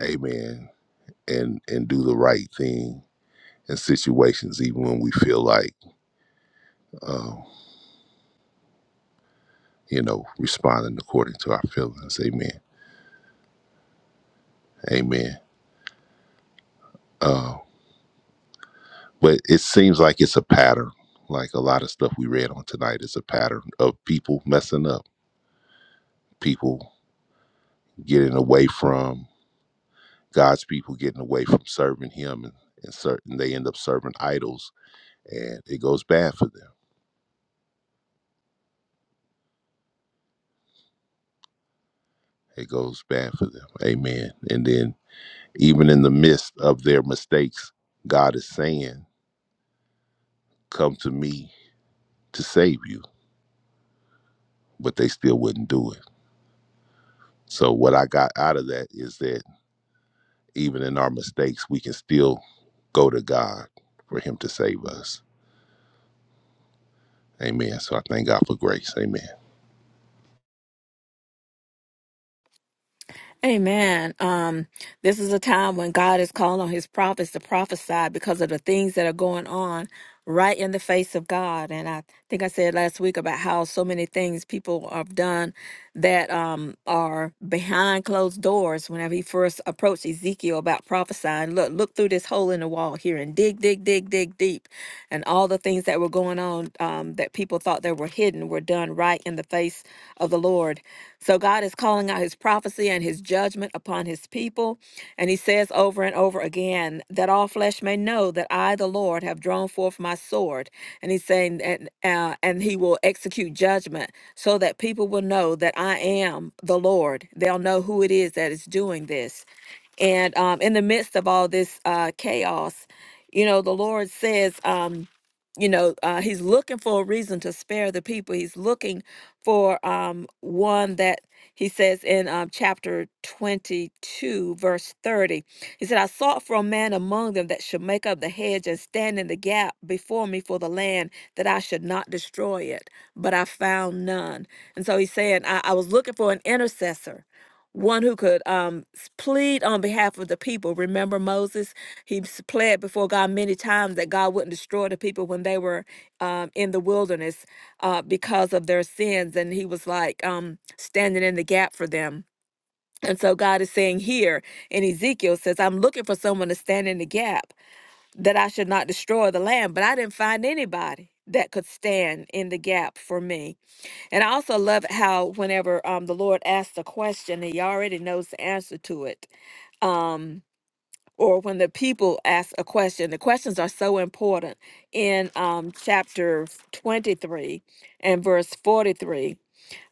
Amen. And and do the right thing in situations, even when we feel like um, you know, responding according to our feelings. Amen. Amen. Uh, but it seems like it's a pattern. Like a lot of stuff we read on tonight is a pattern of people messing up, people getting away from God's people, getting away from serving Him, and, and certain they end up serving idols, and it goes bad for them. It goes bad for them. Amen. And then even in the midst of their mistakes, God is saying, "Come to me to save you," but they still wouldn't do it So what I got out of that is that even in our mistakes, we can still go to God for Him to save us. Amen. So I thank God for grace. Amen.
Amen. Um, this is a time when God is calling on his prophets to prophesy because of the things that are going on right in the face of God. And I think I said last week about how so many things people have done that um, are behind closed doors. Whenever he first approached Ezekiel about prophesying, look, look through this hole in the wall here and dig, dig, dig, dig deep. And all the things that were going on um, um, that people thought they were hidden were done right in the face of the Lord. So God is calling out his prophecy and his judgment upon his people. And he says over and over again, that all flesh may know that I, the Lord, have drawn forth my sword. And he's saying, and, uh, and he will execute judgment so that people will know that I am the Lord. They'll know who it is that is doing this. And um, in the midst of all this uh, chaos, you know, the Lord says, um, you know uh, he's looking for a reason to spare the people he's looking for um, one that he says in um, chapter 22 verse 30 he said i sought for a man among them that should make up the hedge and stand in the gap before me for the land that i should not destroy it but i found none and so he's saying i, I was looking for an intercessor one who could um, s- plead on behalf of the people remember moses He's pled before God many times that God wouldn't destroy the people when they were um, in the wilderness uh, because of their sins. And he was like um, standing in the gap for them. And so God is saying here in Ezekiel says, I'm looking for someone to stand in the gap that I should not destroy the land. But I didn't find anybody that could stand in the gap for me. And I also love how whenever um, the Lord asks a question, he already knows the answer to it. Um, or when the people ask a question. The questions are so important in um, chapter 23 and verse 43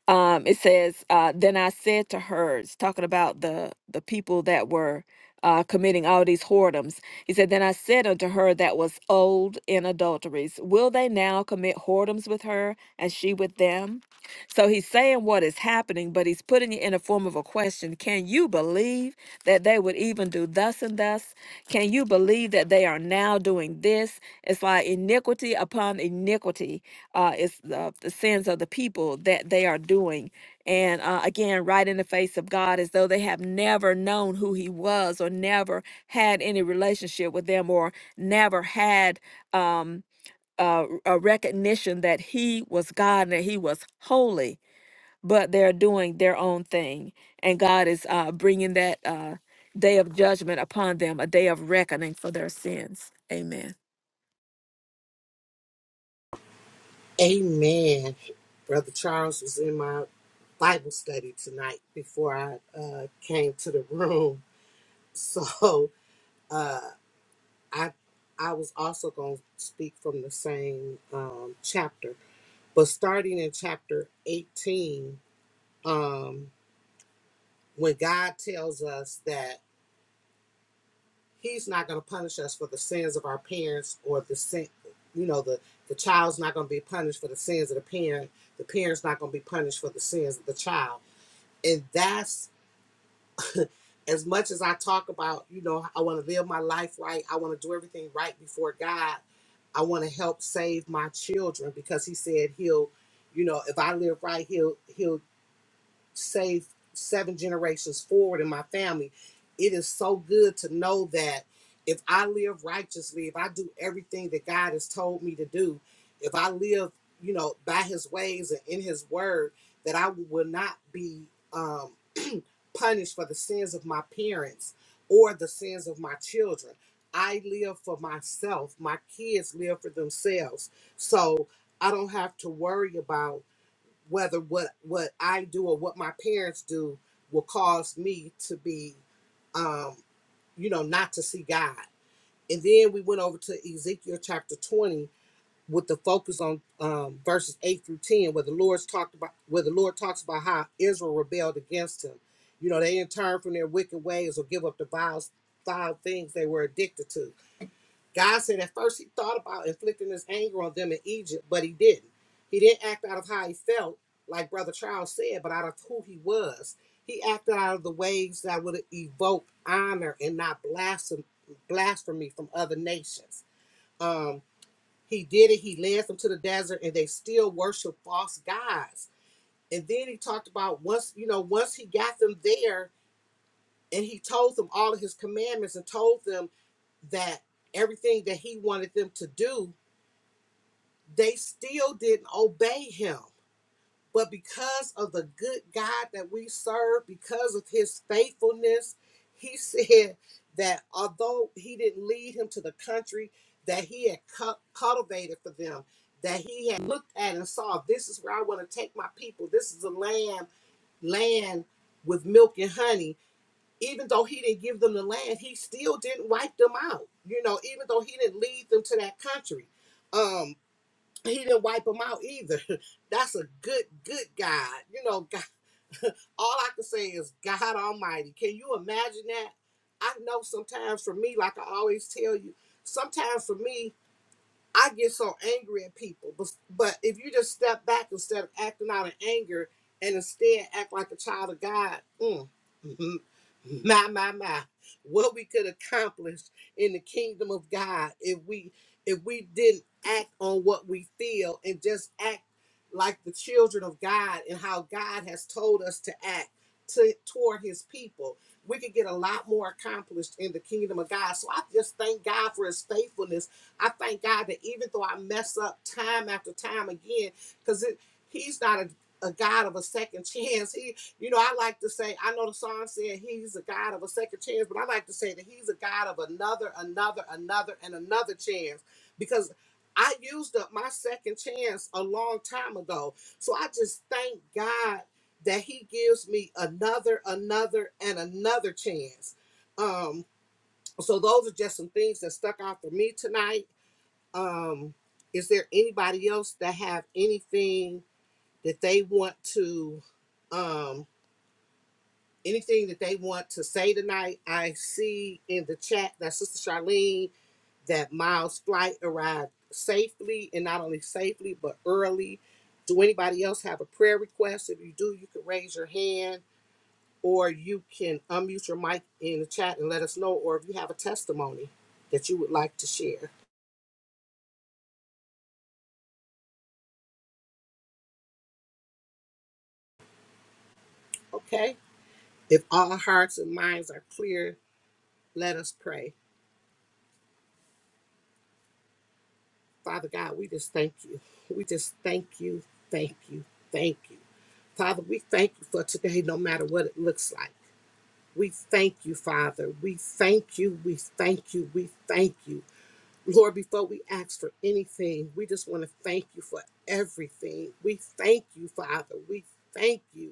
um, it says, uh, "Then I said to her, it's talking about the the people that were uh, committing all these whoredoms." He said, "Then I said unto her that was old in adulteries, will they now commit whoredoms with her, and she with them?" So he's saying what is happening, but he's putting it in a form of a question. Can you believe that they would even do thus and thus? Can you believe that they are now doing this? It's like iniquity upon iniquity uh, is the, the sins of the people that they are doing. And uh, again, right in the face of God, as though they have never known who He was, or never had any relationship with them, or never had um, uh, a recognition that He was God and that He was holy. But they're doing their own thing, and God is uh, bringing that uh, day of judgment upon them, a day of reckoning for their sins. Amen.
Amen. Brother Charles was in my Bible study tonight before I uh, came to the room. So uh, I I was also going to speak from the same um, chapter But starting in chapter 18, um, when God tells us that He's not going to punish us for the sins of our parents or the sin, you know, the, the child's not going to be punished for the sins of the parent, the parent's not going to be punished for the sins of the child. And that's as much as I talk about, you know, I want to live my life right, I want to do everything right before God, I want to help save my children because He said He'll, you know, if I live right, He'll, He'll saved seven generations forward in my family. It is so good to know that if I live righteously, if I do everything that God has told me to do, if I live, you know, by his ways and in his word, that I will not be um, punished for the sins of my parents or the sins of my children. I live for myself. My kids live for themselves. So I don't have to worry about whether what what I do or what my parents do will cause me to be um you know not to see God. And then we went over to Ezekiel chapter 20 with the focus on um verses 8 through 10 where the Lord's talked about where the Lord talks about how Israel rebelled against him. You know, they didn't turn from their wicked ways or give up the vile vile things they were addicted to. God said at first he thought about inflicting his anger on them in Egypt, but he didn't. He didn't act out of how he felt, like Brother Charles said, but out of who he was. He acted out of the ways that would evoke honor and not blasphemy, blasphemy from other nations. Um, he did it. He led them to the desert, and they still worship false gods. And then he talked about once you know once he got them there, and he told them all of his commandments and told them that everything that he wanted them to do they still didn't obey him. But because of the good God that we serve, because of his faithfulness, he said that although he didn't lead him to the country that he had cu- cultivated for them, that he had looked at and saw, this is where I want to take my people. This is a land, land with milk and honey. Even though he didn't give them the land, he still didn't wipe them out. You know, even though he didn't lead them to that country. Um, he didn't wipe them out either. That's a good, good God. You know, God, all I can say is God Almighty. Can you imagine that? I know sometimes for me, like I always tell you, sometimes for me, I get so angry at people, but but if you just step back instead of acting out of anger and instead act like a child of God, mm, my my my, what we could accomplish in the kingdom of God if we if we didn't act on what we feel and just act like the children of God and how God has told us to act to toward His people, we could get a lot more accomplished in the kingdom of God. So I just thank God for His faithfulness I thank God that even though I mess up time after time again, because He's not a, a God of a second chance. He, you know, I like to say, I know the song said He's a God of a second chance, but I like to say that He's a God of another, another, another, and another chance because I used up my second chance a long time ago. So I just thank God that He gives me another, another, and another chance. Um, so those are just some things that stuck out for me tonight um is there anybody else that have anything that they want to um anything that they want to say tonight i see in the chat that sister charlene that miles flight arrived safely and not only safely but early do anybody else have a prayer request if you do you can raise your hand or you can unmute your mic in the chat and let us know or if you have a testimony that you would like to share okay if all hearts and minds are clear Let us pray. Father God, we just thank you. We just thank you, thank you, thank you. Father, we thank you for today, no matter what it looks like. We thank you, Father. We thank you, we thank you, we thank you. Lord, before we ask for anything, we just want to thank you for everything. We thank you, Father. We thank you.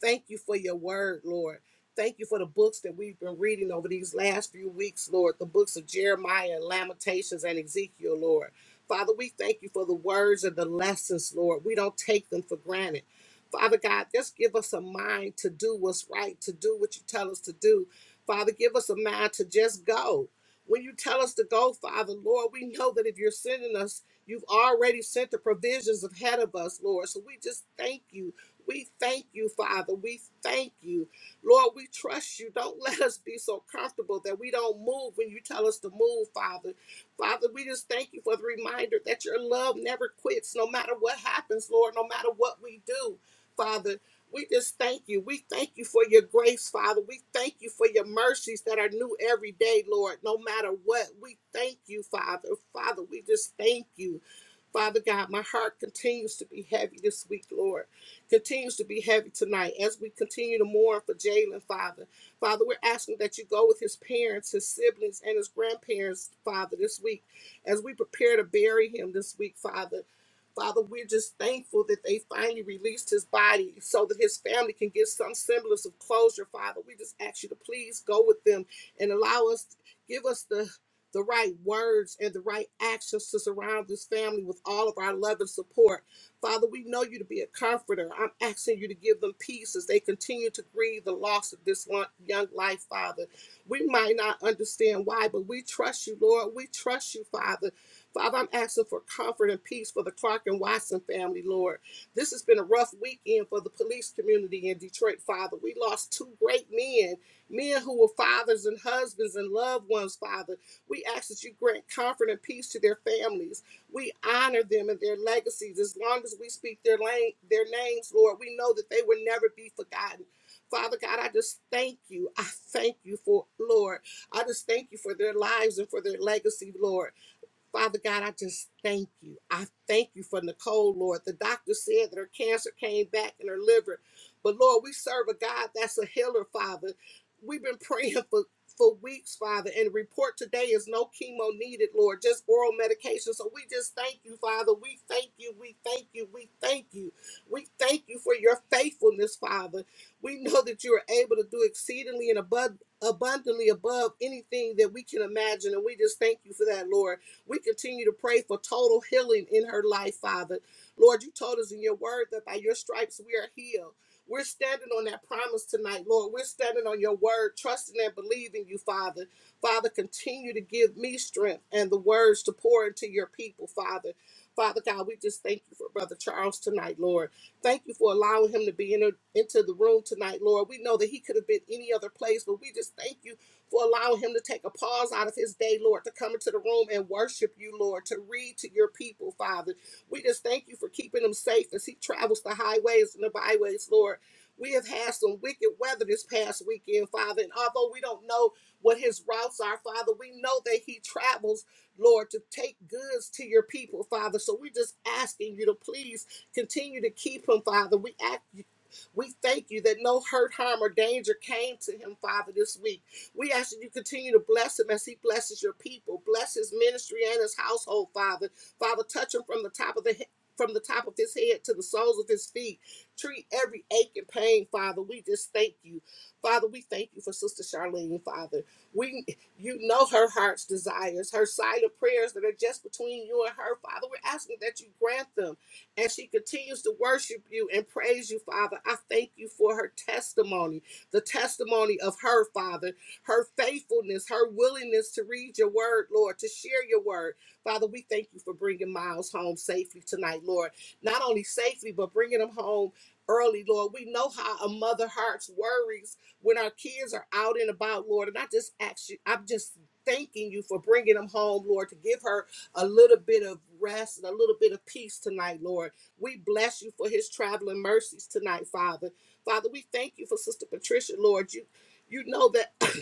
Thank you for your word, Lord. Thank you for the books that we've been reading over these last few weeks, Lord. The books of Jeremiah, Lamentations, and Ezekiel, Lord. Father, we thank you for the words and the lessons, Lord. We don't take them for granted. Father God, just give us a mind to do what's right, to do what you tell us to do. Father, give us a mind to just go. When you tell us to go, Father, Lord, we know that if you're sending us, you've already sent the provisions ahead of us, Lord. So we just thank you we thank you, Father. We thank you. Lord, we trust you. Don't let us be so comfortable that we don't move when you tell us to move, Father. Father, we just thank you for the reminder that your love never quits, no matter what happens, Lord, no matter what we do, Father. We just thank you. We thank you for your grace, Father. We thank you for your mercies that are new every day, Lord, no matter what. We thank you, Father. Father, we just thank you. Father God, my heart continues to be heavy this week, Lord continues to be heavy tonight as we continue to mourn for Jalen, Father. Father, we're asking that you go with his parents, his siblings, and his grandparents, Father, this week as we prepare to bury him this week, Father. Father, we're just thankful that they finally released his body so that his family can get some semblance of closure, Father. We just ask you to please go with them and allow us, give us the the right words and the right actions to surround this family with all of our love and support. Father, we know you to be a comforter. I'm asking you to give them peace as they continue to grieve the loss of this one young life, Father. We might not understand why, but we trust you, Lord. We trust you, Father. Father, I'm asking for comfort and peace for the Clark and Watson family, Lord. This has been a rough weekend for the police community in Detroit, Father. We lost two great men, men who were fathers and husbands and loved ones, Father. We ask that you grant comfort and peace to their families. We honor them and their legacies. As long as we speak their lane, their names, Lord, we know that they will never be forgotten. Father God, I just thank you. I thank you for Lord. I just thank you for their lives and for their legacy, Lord. Father God, I just thank you. I thank you for Nicole, Lord. The doctor said that her cancer came back in her liver. But Lord, we serve a God that's a healer, Father. We've been praying for for weeks, Father, and the report today is no chemo needed, Lord, just oral medication. So we just thank you, Father. We thank you. We thank you. We thank you. We thank you for your faithfulness, Father. We know that you are able to do exceedingly and above abundantly above anything that we can imagine. And we just thank you for that, Lord. We continue to pray for total healing in her life, Father. Lord, you told us in your word that by your stripes we are healed. We're standing on that promise tonight, Lord. We're standing on your word, trusting and believing you, Father. Father, continue to give me strength and the words to pour into your people, Father. Father God, we just thank you for Brother Charles tonight, Lord. Thank you for allowing him to be in into the room tonight, Lord. We know that he could have been any other place, but we just thank you for allowing him to take a pause out of his day, Lord, to come into the room and worship you, Lord, to read to your people, Father. We just thank you for keeping him safe as he travels the highways and the byways, Lord. We have had some wicked weather this past weekend, Father, and although we don't know what his routes are, Father, we know that he travels, Lord, to take goods to your people, Father. So we're just asking you to please continue to keep him, Father. We ask you. we thank you that no hurt, harm, or danger came to him, Father, this week. We ask that you continue to bless him as he blesses your people. Bless his ministry and his household, Father. Father, touch him from the top of the he- from the top of his head to the soles of his feet. Treat every ache and pain, Father. We just thank you. Father, we thank you for Sister Charlene, Father. We you know her heart's desires, her silent prayers that are just between you and her, Father. We're asking that you grant them and she continues to worship you and praise you, Father. I thank you for her testimony, the testimony of her, Father her faithfulness, her willingness to read your word, Lord, to share your word. Father, we thank you for bringing Miles home safely tonight, Lord. Not only safely, but bringing him home early, Lord. We know how a mother hearts worries when our kids are out and about, Lord. And I just ask you, I'm just thanking you for bringing them home, Lord, to give her a little bit of rest and a little bit of peace tonight, Lord. We bless you for his traveling mercies tonight, Father. Father, we thank you for Sister Patricia, Lord. You you know that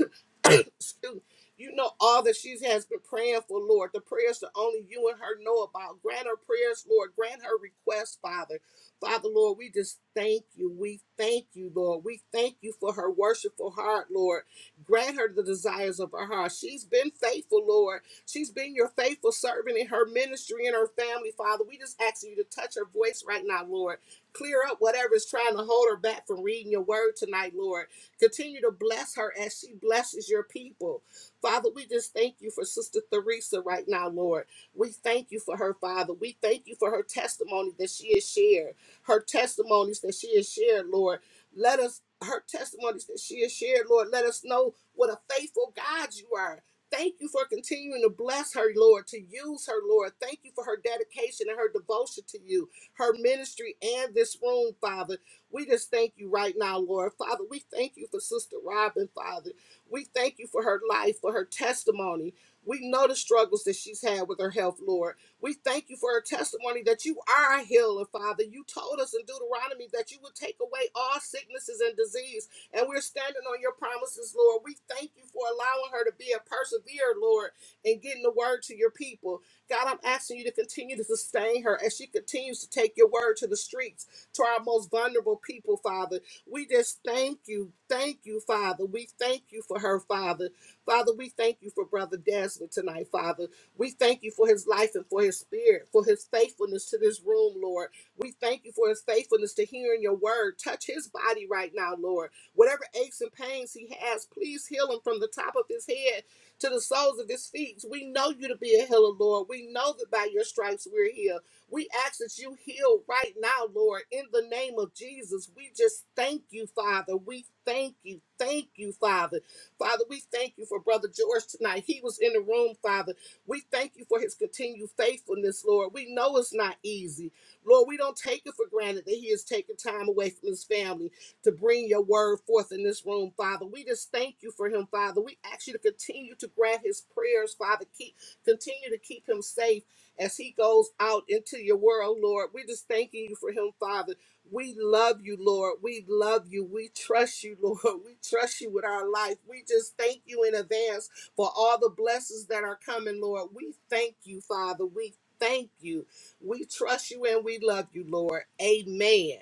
Excuse me. You know all that she has been praying for, Lord. The prayers that only you and her know about. Grant her prayers, Lord. Grant her request, Father. Father, Lord, we just thank you. We thank you, Lord. We thank you for her worshipful heart, Lord. Grant her the desires of her heart. She's been faithful, Lord. She's been your faithful servant in her ministry and her family, Father. We just ask you to touch her voice right now, Lord. Clear up whatever is trying to hold her back from reading your word tonight, Lord. Continue to bless her as she blesses your people. Father, we just thank you for Sister Theresa right now, Lord. We thank you for her, Father. We thank you for her testimony that she has shared, her testimonies that she has shared, Lord. Let us, her testimonies that she has shared, Lord, let us know what a faithful God you are. Thank you for continuing to bless her, Lord, to use her, Lord. Thank you for her dedication and her devotion to you, her ministry, and this room, Father. We just thank you right now, Lord. Father, we thank you for Sister Robin, Father. We thank you for her life, for her testimony. We know the struggles that she's had with her health, Lord. We thank you for her testimony that you are a healer, Father. You told us in Deuteronomy that you would take away all sicknesses and disease, and we're standing on your promises, Lord. We thank you for allowing her to be a perseverer, Lord, and getting the word to your people. God, I'm asking you to continue to sustain her as she continues to take your word to the streets to our most vulnerable people, Father. We just thank you. Thank you, Father. We thank you for her, Father. Father, we thank you for Brother Desmond tonight, Father. We thank you for his life and for his spirit, for his faithfulness to this room, Lord. We thank you for his faithfulness to hearing your word. Touch his body right now, Lord. Whatever aches and pains he has, please heal him from the top of his head to the soles of his feet. We know you to be a healer, Lord. We know that by your stripes we're healed. We ask that you heal right now, Lord, in the name of Jesus. We just thank you, Father. We thank you. Thank you, Father. Father, we thank you for Brother George tonight. He was in the room, Father. We thank you for his continued faithfulness, Lord. We know it's not easy. Lord, we don't take it for granted that he is taking time away from his family to bring your word forth in this room, Father. We just thank you for him, Father. We ask you to continue to grant his prayers, Father. Keep continue to keep him safe as he goes out into your world, Lord. We're just thanking you for him, Father. We love you, Lord. We love you. We trust you, Lord. We trust you with our life. We just thank you in advance for all the blessings that are coming, Lord. We thank you, Father. We thank you. We trust you and we love you, Lord. Amen.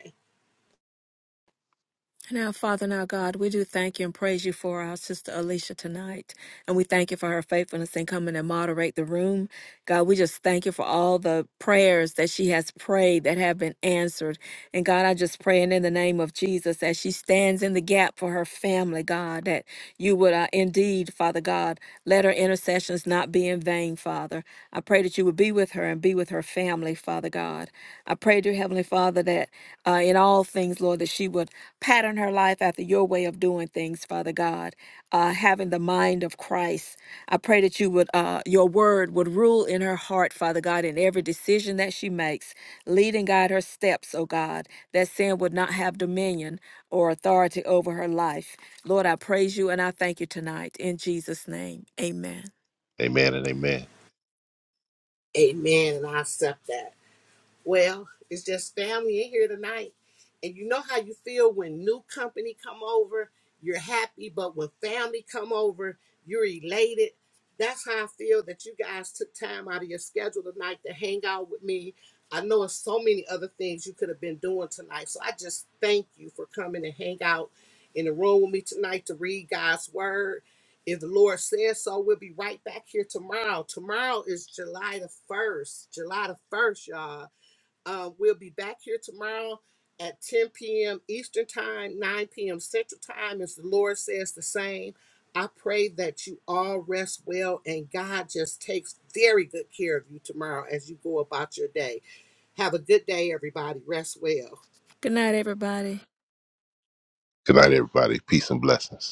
And Now, Father, now God, we do thank you and praise you for our sister Alicia tonight. And we thank you for her faithfulness in coming and moderate the room. God, we just thank you for all the prayers that she has prayed that have been answered. And God, I just pray and in the name of Jesus as she stands in the gap for her family, God, that you would uh, indeed, Father God, let her intercessions not be in vain, Father. I pray that you would be with her and be with her family, Father God. I pray, dear Heavenly Father, that uh, in all things, Lord, that she would pattern her life after your way of doing things, Father God, uh, having the mind of Christ. I pray that you would, uh, your word would rule in her heart, Father God, in every decision that she makes. Lead and guide her steps, oh God, that sin would not have dominion or authority over her life. Lord, I praise you and I thank you tonight. In Jesus' name, amen.
Amen and amen.
Amen. And I accept that. Well, it's just family in here tonight. And you know how you feel when new company come over, you're happy, but when family come over, you're elated. That's how I feel that you guys took time out of your schedule tonight to hang out with me. I know it's so many other things you could have been doing tonight. So I just thank you for coming and hang out in the room with me tonight to read God's word. If the Lord says so, we'll be right back here tomorrow. Tomorrow is July the 1st. July the 1st, y'all uh, we'll be back here tomorrow at 10 p.m. Eastern Time, 9 p.m. Central Time, As the Lord says the same. I pray that you all rest well and God just takes very good care of you tomorrow as you go about your day. Have a good day, everybody. Rest well.
Good night, everybody.
Good night, everybody. Peace and blessings.